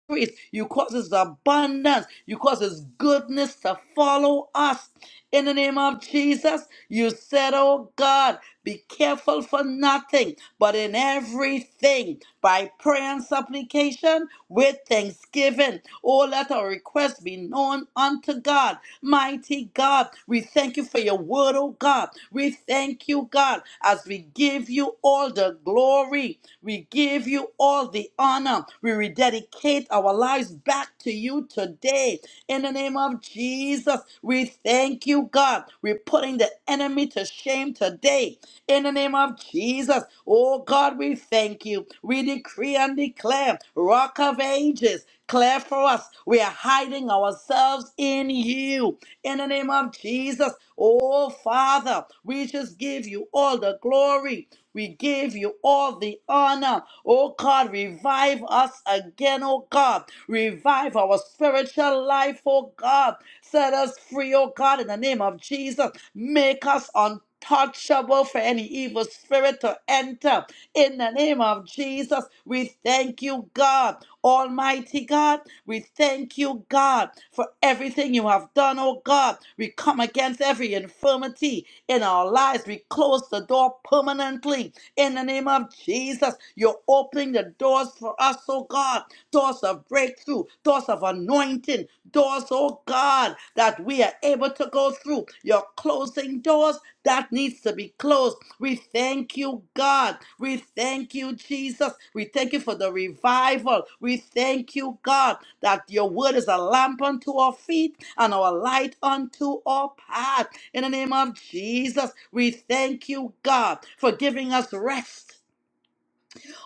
[SPEAKER 3] increase. You cause His abundance. You cause His goodness to follow us. In the name of Jesus, you said, Oh God, be careful for nothing, but in everything, by prayer and supplication, with thanksgiving. Oh, let our requests be known unto God. Mighty God, we thank you for your word, oh God. We thank you, God, as we give you all the glory. We give you all the honor. We rededicate our lives back to you today. In the name of Jesus, we thank you, God. We're putting the enemy to shame today. In the name of Jesus, oh God, we thank you. We decree and declare, Rock of Ages, clear for us. We are hiding ourselves in you. In the name of Jesus, oh Father, we just give you all the glory. We give you all the honor. Oh God, God. Revive us again, oh God. Revive our spiritual life, oh God. Set us free, oh God, in the name of Jesus. Make us untouchable for any evil spirit to enter. In the name of Jesus, we thank you, God. Almighty God, we thank you, God, for everything you have done, oh God. We come against every infirmity in our lives. We close the door permanently in the name of Jesus. You're opening the doors for us, oh God. Doors of breakthrough, doors of anointing, doors, oh God, that we are able to go through. You're closing doors that needs to be closed. We thank you, God. We thank you, Jesus. We thank you for the revival. We thank you, God, that your word is a lamp unto our feet and our light unto our path. In the name of Jesus, we thank you, God, for giving us rest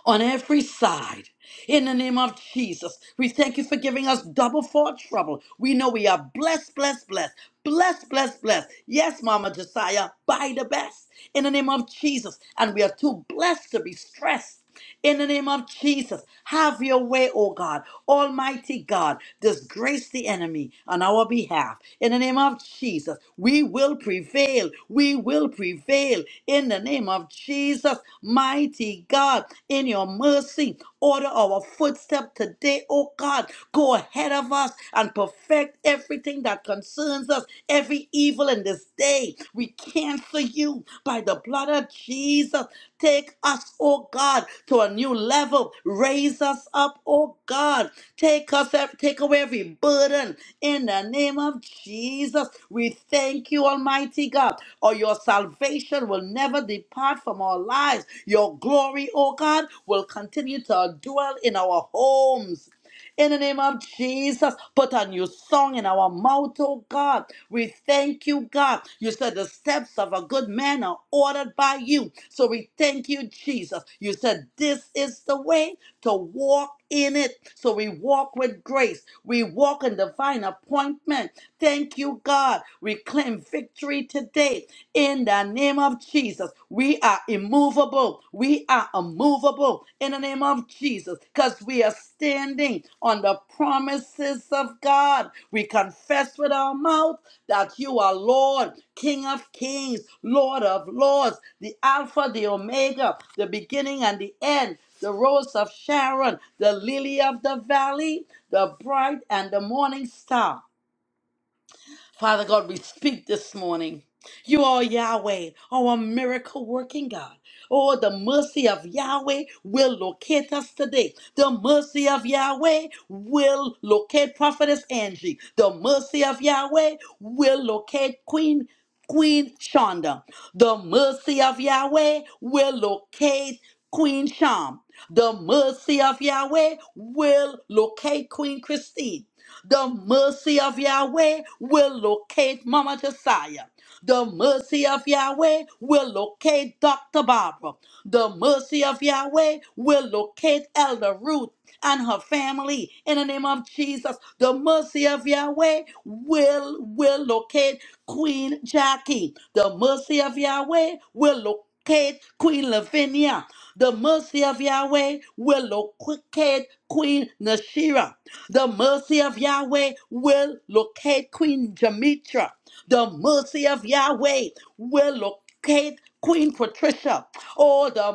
[SPEAKER 3] on every side. In the name of Jesus, we thank you for giving us double for our trouble. We know we are blessed, blessed, blessed, blessed, blessed, blessed. Yes, Mama Josiah, by the best. In the name of Jesus, and we are too blessed to be stressed. In the name of Jesus, have your way, O God. Almighty God, disgrace the enemy on our behalf. In the name of Jesus, we will prevail. We will prevail. In the name of Jesus, mighty God, in your mercy, order our footstep today, oh God. Go ahead of us and perfect everything that concerns us, every evil in this day. We cancel you by the blood of of Jesus. Take us, oh God, to a new level. Raise us up, oh God. Take us, take away every burden in the name of Jesus. We thank you, Almighty God, or your salvation will never depart from our lives. Your glory, oh God, will continue to dwell in our homes in the name of Jesus, put a new song in our mouth, oh God. We thank you, God. You said the steps of a good man are ordered by you. So we thank you, Jesus. You said this is the way to walk in it. So we walk with grace. We walk in divine appointment. Thank you, God. We claim victory today in the name of Jesus. We we are immovable. We are immovable in the name of Jesus because we are standing on the promises of God. We confess with our mouth that you are Lord, King of kings, Lord of lords, the Alpha, the Omega, the beginning and the end, the rose of Sharon, the lily of the valley, the bright and the morning star. Father God, we speak this morning. You are Yahweh, our miracle working God. Oh, the mercy of Yahweh will locate us today. The mercy of Yahweh will locate Prophetess Angie. The mercy of Yahweh will locate Queen Queen Shonda. The mercy of Yahweh will locate Queen Sham. The mercy of Yahweh will locate Queen Christine. The mercy of Yahweh will locate Mama Josiah. The mercy of Yahweh will locate Dr. Barbara. The mercy of Yahweh will locate Elder Ruth and her family in the name of Jesus. The mercy of Yahweh will will locate Queen Jackie. The mercy of Yahweh will locate Queen Lavinia. The mercy of Yahweh will locate Queen Nashira. The mercy of Yahweh will locate Queen Jamitra. The mercy of Yahweh will locate Queen Patricia. Oh, the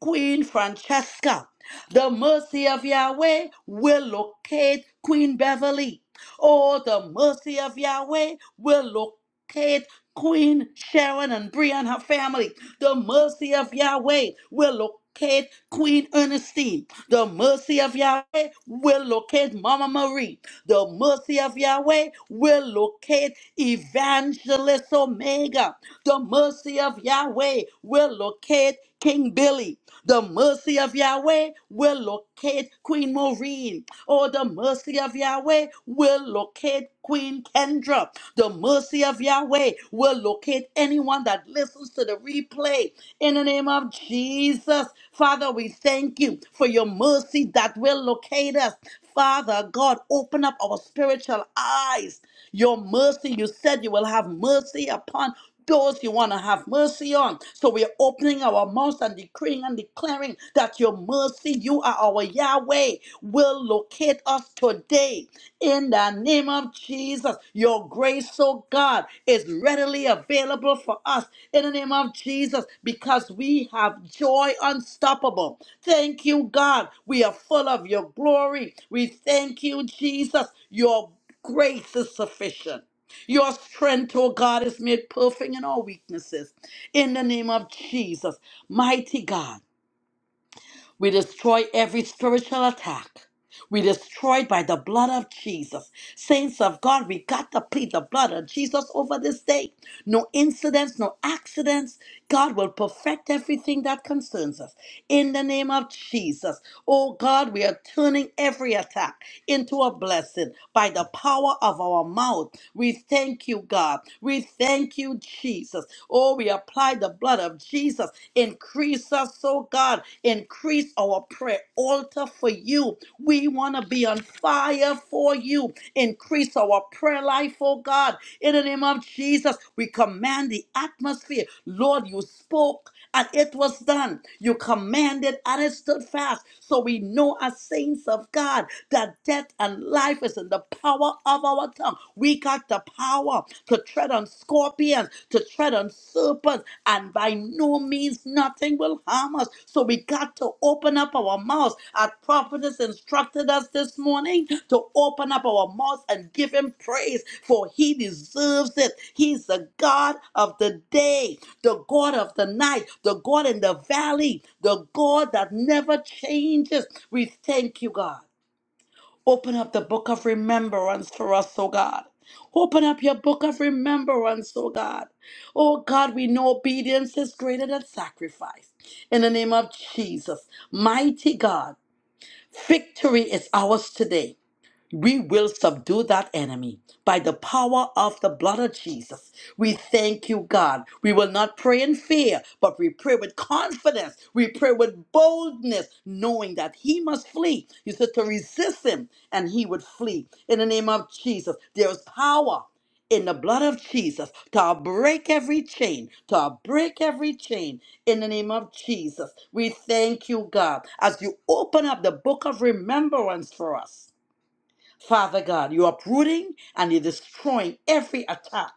[SPEAKER 3] Queen Francesca. The mercy of Yahweh will locate Queen Beverly. Oh, the mercy of Yahweh will locate Queen Sharon and Bria and her family. The mercy of Yahweh will locate Queen Ernestine. The mercy of Yahweh will locate Mama Marie. The mercy of Yahweh will locate Evangelist Omega. The mercy of Yahweh will locate King Billy. The mercy of Yahweh will locate Queen Maureen. Oh, the mercy of Yahweh will locate Queen Kendra. The mercy of Yahweh will locate anyone that listens to the replay. In the name of Jesus, Father, we thank you for your mercy that will locate us. Father God, open up our spiritual eyes. Your mercy, you said you will have mercy upon those you want to have mercy on. So we're opening our mouths and decreeing and declaring that your mercy, you are our Yahweh, will locate us today. In the name of Jesus, your grace, oh God, is readily available for us. In the name of Jesus, because we have joy unstoppable. Thank you, God. We are full of your glory. We thank you, Jesus. Your grace is sufficient. Your strength, oh God, is made perfect in our weaknesses. In the name of Jesus, mighty God. We destroy every spiritual attack. We destroyed by the blood of Jesus. Saints of God, we got to plead the blood of Jesus over this day. No incidents, no accidents. God will perfect everything that concerns us. In the name of Jesus. Oh God, we are turning every attack into a blessing by the power of our mouth. We thank you, God. We thank you, Jesus. Oh, we apply the blood of Jesus in. Increase us, oh God. Increase our prayer altar for you. We want to be on fire for you. Increase our prayer life, oh God. In the name of Jesus, we command the atmosphere. Lord, you spoke and it was done. You commanded and it stood fast. So we know as saints of God that death and life is in the power of our tongue. We got the power off, to tread on scorpions, to tread on serpents, and by no means nothing will harm us. So we got to open up our mouths. Our prophetess instructed us this morning to open up our mouths and give him praise, for he deserves it. He's the God of the day, the God of the night, the God in the valley, the God that never changes. We thank you, God. Open up the book of remembrance for us, oh God. Open up your book of remembrance, oh God. Oh God, we know obedience is greater than sacrifice. In the name of Jesus, mighty God, victory is ours today. We will subdue that enemy by the power of the blood of Jesus. We thank you, God. We will not pray in fear, but we pray with confidence. We pray with boldness, knowing that he must flee. You said to resist him and he would flee. In the name of Jesus, there is power in the blood of Jesus to break every chain, to break every chain in the name of Jesus. We thank you, God, as you open up the book of remembrance for us. Father God, you're uprooting and you're destroying every attack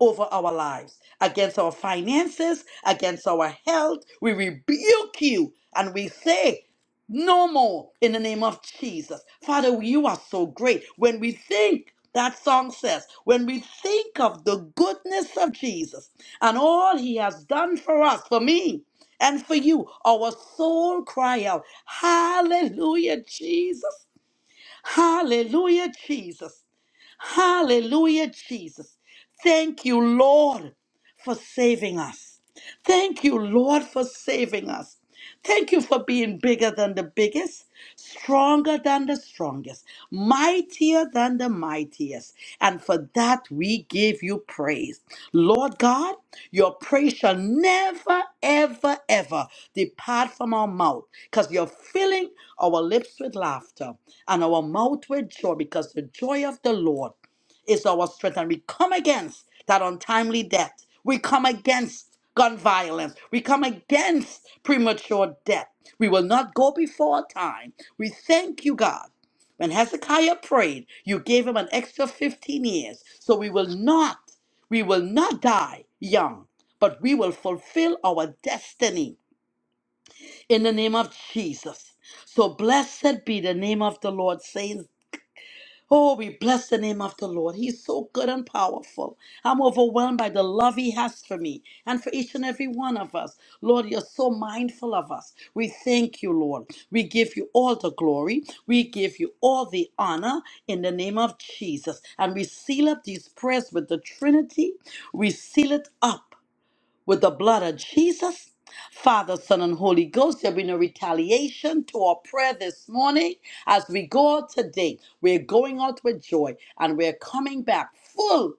[SPEAKER 3] over our lives, against our finances, against our health. We rebuke you and we say, no more in the name of Jesus. Father, you are so great. When we think, that song says, when we think of the goodness of Jesus and all he has done for us, for me and for you, our soul cry out, Hallelujah, Jesus. Hallelujah, Jesus. Hallelujah, Jesus. Thank you, Lord, for saving us. Thank you, Lord, for saving us. Thank you for being bigger than the biggest, stronger than the strongest, mightier than the mightiest. And for that, we give you praise. Lord God, your praise shall never, ever, ever depart from our mouth because you're filling our lips with laughter and our mouth with joy because the joy of the Lord is our strength. And we come against that untimely death. We come against gun violence. We come against premature death. We will not go before our time. We thank you, God. When Hezekiah prayed, you gave him an extra 15 years. So we will not, we will not die young, but we will fulfill our destiny in the name of Jesus. So blessed be the name of the Lord, saints Oh, we bless the name of the Lord. He's so good and powerful. I'm overwhelmed by the love He has for me and for each and every one of us. Lord, you're so mindful of us. We thank you, Lord. We give you all the glory. We give you all the honor in the name of Jesus. And we seal up these prayers with the Trinity. We seal it up with the blood of Jesus. Father, Son, and Holy Ghost, there'll be no retaliation to our prayer this morning. As we go out today, we're going out with joy and we're coming back full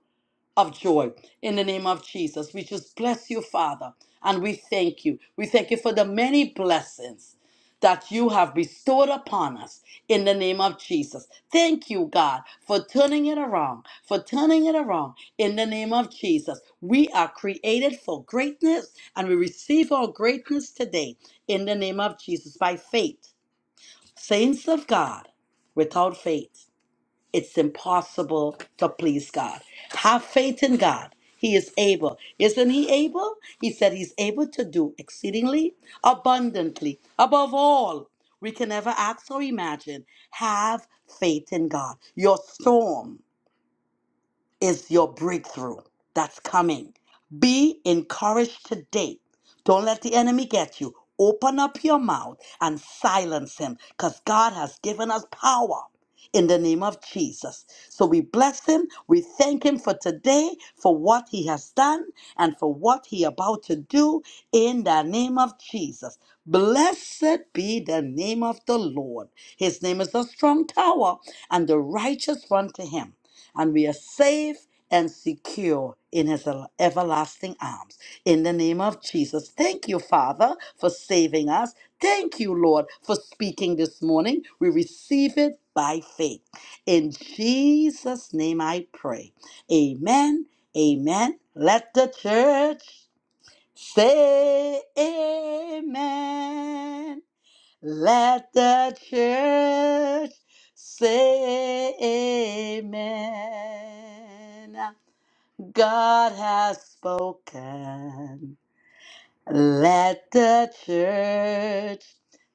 [SPEAKER 3] of joy in the name of Jesus. We just bless you, Father, and we thank you. We thank you for the many blessings that you have bestowed upon us in the name of Jesus. Thank you, God, for turning it around, for turning it around in the name of Jesus. We are created for greatness and we receive our greatness today in the name of Jesus by faith. Saints of God, without faith it's impossible to please God. Have faith in God. He is able. Isn't he able? He said he's able to do exceedingly abundantly above all we can ever ask or imagine. Have faith in God. Your storm is your breakthrough that's coming. Be encouraged today. Don't let the enemy get you. Open up your mouth and silence him because God has given us power in the name of Jesus. So we bless him. We thank him for today, for what he has done, and for what he about to do in the name of Jesus. Blessed be the name of the Lord. His name is a strong tower, and the righteous run to him and we are safe and secure in his el- everlasting arms. In the name of Jesus, thank you, Father, for saving us. Thank you, Lord, for speaking this morning. We receive it by faith. In Jesus' name I pray. Amen. Amen. Let the church say amen. Let the church say amen. God has spoken. Let the church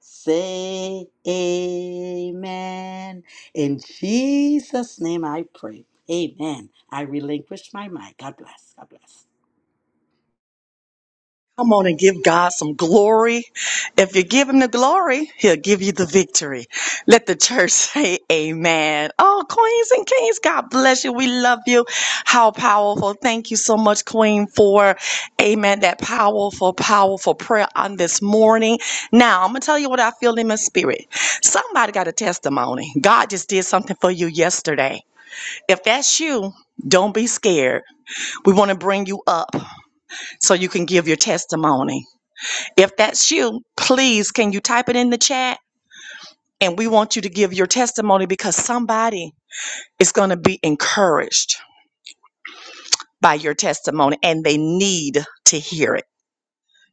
[SPEAKER 3] say amen. In Jesus' name I pray. Amen. I relinquish my mind. God bless. God bless.
[SPEAKER 1] Come on and give God some glory. If you give him the glory, he'll give you the victory. Let the church say amen. Oh, queens and kings, God bless you. We love you. How powerful. Thank you so much, queen, for amen. That powerful, powerful prayer on this morning. Now, I'm going to tell you what I feel in my spirit. Somebody got a testimony. God just did something for you yesterday. If that's you, don't be scared. We want to bring you up so you can give your testimony. If that's you, please can you type it in the chat? And we want you to give your testimony because somebody is going to be encouraged by your testimony and they need to hear it.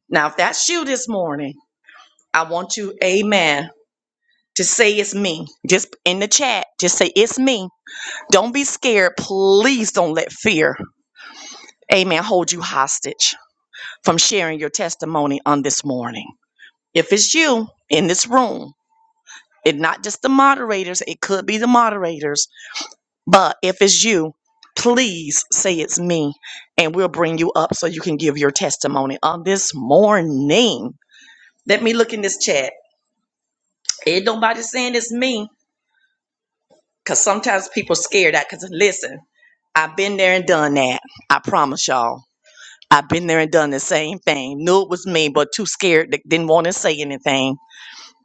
[SPEAKER 1] Now, if that's you this morning, I want you, amen, to say it's me. Just in the chat, just say it's me. Don't be scared. Please don't let fear, amen, hold you hostage from sharing your testimony on this morning. If it's you in this room, it not just the moderators it could be the moderators but if it's you please say it's me and we'll bring you up so you can give your testimony on this morning let me look in this chat ain't nobody saying it's me because sometimes people scared that because listen i've been there and done that i promise y'all i've been there and done the same thing knew it was me but too scared that didn't want to say anything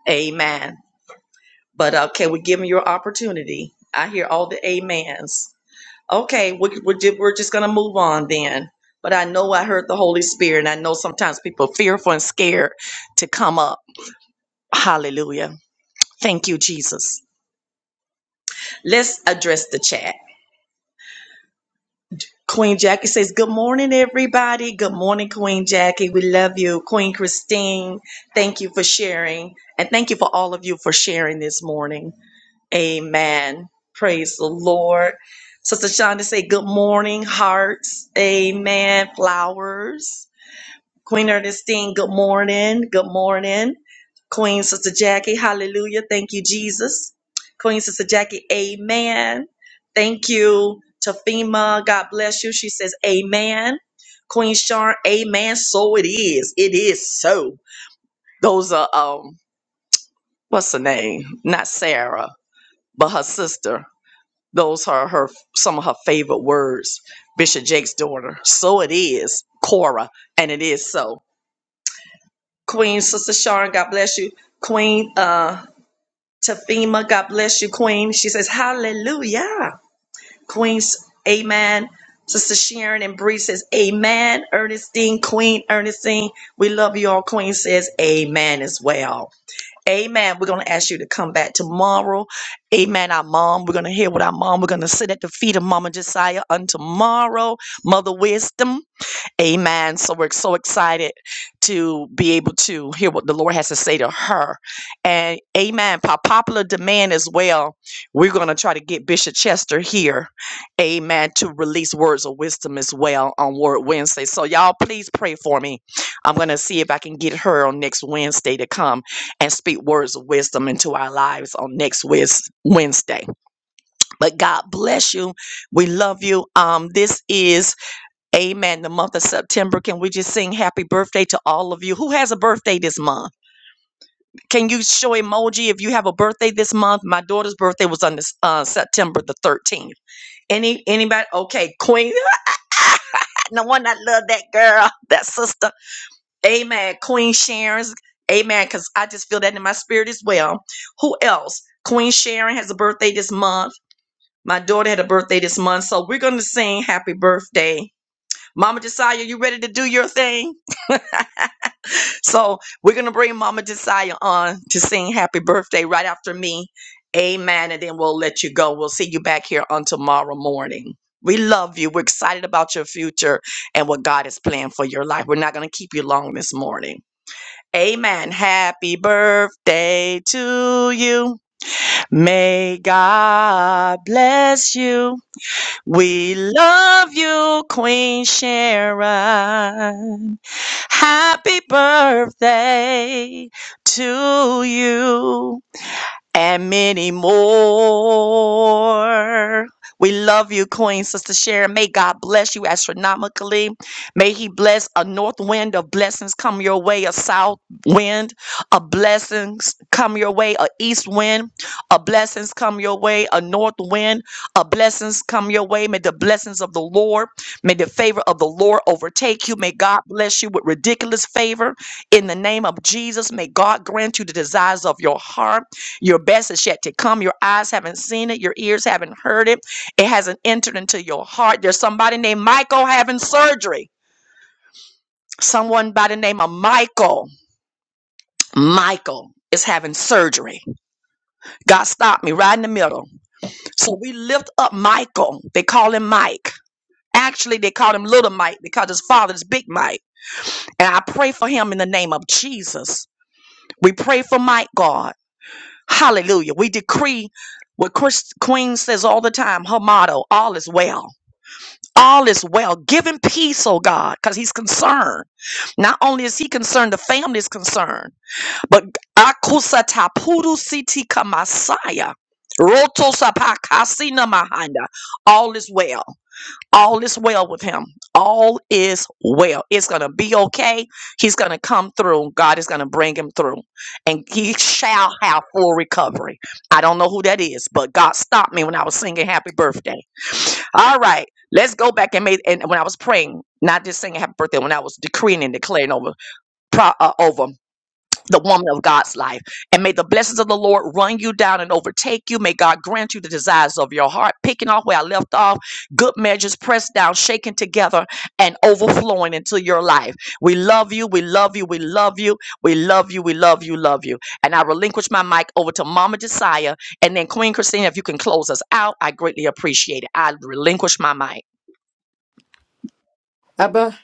[SPEAKER 1] amen but uh, can we give him your opportunity i hear all the amens Okay, we're, we're, ju- we're just going to move on then. But I know I heard the Holy Spirit, and I know sometimes people are fearful and scared to come up. Hallelujah. Thank you, Jesus. Let's address the chat. Queen Jackie says, Good morning, everybody. Good morning, Queen Jackie. We love you. Queen Christine, thank you for sharing. And thank you for all of you for sharing this morning. Amen. Praise the Lord. Sister Shonda say, Good morning, hearts. Amen. Flowers. Queen Ernestine, good morning. Good morning. Queen Sister Jackie, hallelujah. Thank you, Jesus. Queen Sister Jackie, amen. Thank you, Tafima. God bless you. She says, amen. Queen Sharn, amen. So it is. It is so. Those are, um, what's her name? Not Sarah, but her sister. Those are her, some of her favorite words. Bishop Jake's daughter. So it is. Cora, and it is so. Queen Sister Sharon, God bless you. Queen uh Tafima, God bless you, Queen. She says, Hallelujah. Queen's Amen. Sister Sharon and Bree says, Amen. Ernestine, Queen Ernestine, we love you all. Queen says, Amen as well. Amen. We're going to ask you to come back tomorrow. Amen. Our mom, we're going to hear what our mom, we're going to sit at the feet of Mama Josiah on tomorrow. Mother Wisdom. Amen. So we're so excited to be able to hear what the Lord has to say to her. And amen. By popular demand as well, we're going to try to get Bishop Chester here. Amen. To release words of wisdom as well on Word Wednesday. So y'all please pray for me. I'm going to see if I can get her on next Wednesday to come and speak words of wisdom into our lives on next Wes- Wednesday. But God bless you. We love you. Um, this is Amen. The month of September. Can we just sing happy birthday to all of you? Who has a birthday this month? Can you show emoji if you have a birthday this month? My daughter's birthday was on this uh, September the 13th. Any anybody? Okay, Queen. No one I love that girl, that sister. Amen. Queen Sharon's. Amen. Because I just feel that in my spirit as well. Who else? Queen Sharon has a birthday this month. My daughter had a birthday this month. So we're gonna sing happy birthday. Mama Josiah, you ready to do your thing? So we're gonna bring Mama Josiah on to sing happy birthday right after me. Amen. And then we'll let you go. We'll see you back here on tomorrow morning. We love you. We're excited about your future and what God is planning for your life. We're not gonna keep you long this morning. Amen. Happy birthday to you. May God bless you. We love you, Queen Sharon. Happy birthday to you and many more. We love you, Queen Sister Sharon. May God bless you astronomically. May He bless a north wind of blessings come your way, a south wind of blessings come your way, a east wind of blessings come your way, a north wind of blessings come your way. May the blessings of the Lord, may the favor of the Lord overtake you. May God bless you with ridiculous favor in the name of Jesus. May God grant you the desires of your heart. Your best is yet to come. Your eyes haven't seen it. Your ears haven't heard it. It hasn't entered into your heart. There's somebody named Michael having surgery. Someone by the name of Michael. Michael. Dre. God's right in the middle. So we lift up Michael. They call him Mike. Actually, they call him Little Mike because his father is Big Mike. And I pray for him in the name of Jesus. We pray for Mike, God. Hallelujah. We decree what Chris Queen says all the time her motto all is well. all is well. Give him peace, oh God, because he's concerned. Not only is he concerned, the family is concerned. But akusatapudu siti kamasaya. Roto sapakasina mahanda. All is well. All is well with him. All is well. It's gonna be okay. He's gonna come through. God is gonna bring him through. And he shall have full recovery. I don't know who that is, but God stopped me when I was singing happy birthday. All right. Let's go back and make and when I was praying, not just saying happy birthday, when I was decreeing and declaring over pro- uh, over the woman of God's life, and may the blessings of the Lord run you down and overtake you. May God grant you the desires of your heart, picking off where I left off, good measures pressed down, shaken together, and overflowing into your life. We love you. We love you. We love you. We love you. We love you. Love you. And I relinquish my mic over to Mama Josiah, and then Queen Christina. If you can close us out, I greatly appreciate it. I relinquish my mic.
[SPEAKER 5] Abba,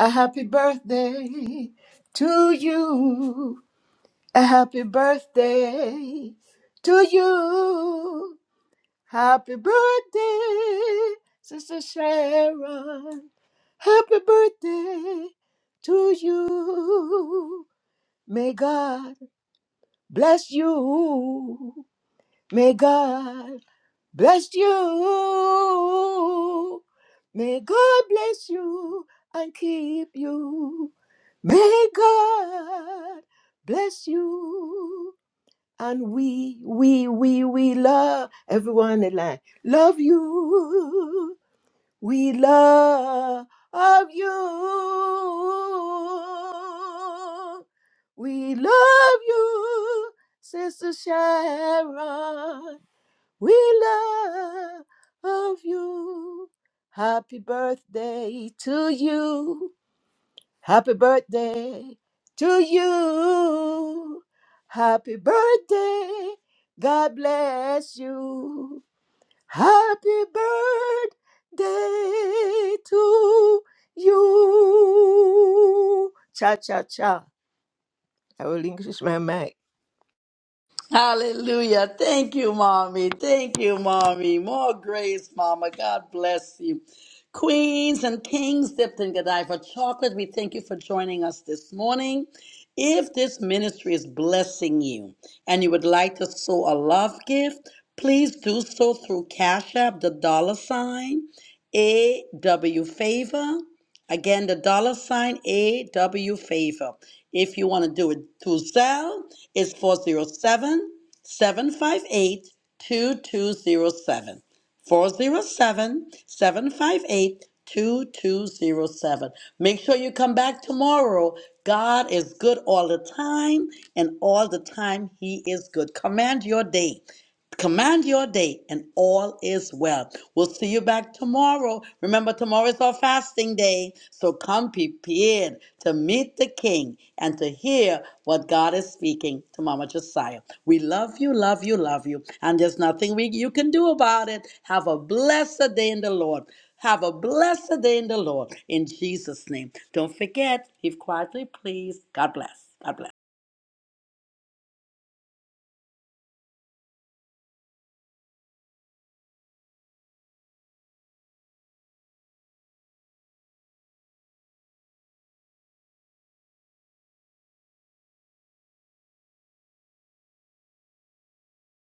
[SPEAKER 5] a happy birthday to you. A happy birthday to you. Happy birthday, Sister Sharon. Happy birthday to you. May God bless you. May God bless you. May God bless you and keep you. May God bless you. And we, we, we, we love everyone in line. Love you. We love you. We love you, Sister Sharon. We love you. Happy birthday to you. Happy birthday to you. Happy birthday. God bless you. Happy birthday to you. Cha cha cha. I will relinquish my mic.
[SPEAKER 3] Hallelujah. Thank you, Mommy. Thank you, Mommy. More grace, Mama. God bless you. Queens and kings dipped in Godiva chocolate, we thank you for joining us this morning. If this ministry is blessing you and you would like to sow a love gift, please do so through Cash App, the dollar sign, AW Favor, Again, the dollar sign AW favor. If you want to do it through Zelle, it's 407 758 Make sure you come back tomorrow. God is good all the time, and all the time, He is good. Command your day. Command your day, and all is well. We'll see you back tomorrow. Remember, tomorrow is our fasting day. So come prepared to meet the King and to hear what God is speaking to Mama Josiah. We love you, love you, love you. And there's nothing we, you can do about it. Have a blessed day in the Lord. Have a blessed day in the Lord. In Jesus' name. Don't forget, give quietly, please. God bless. God bless.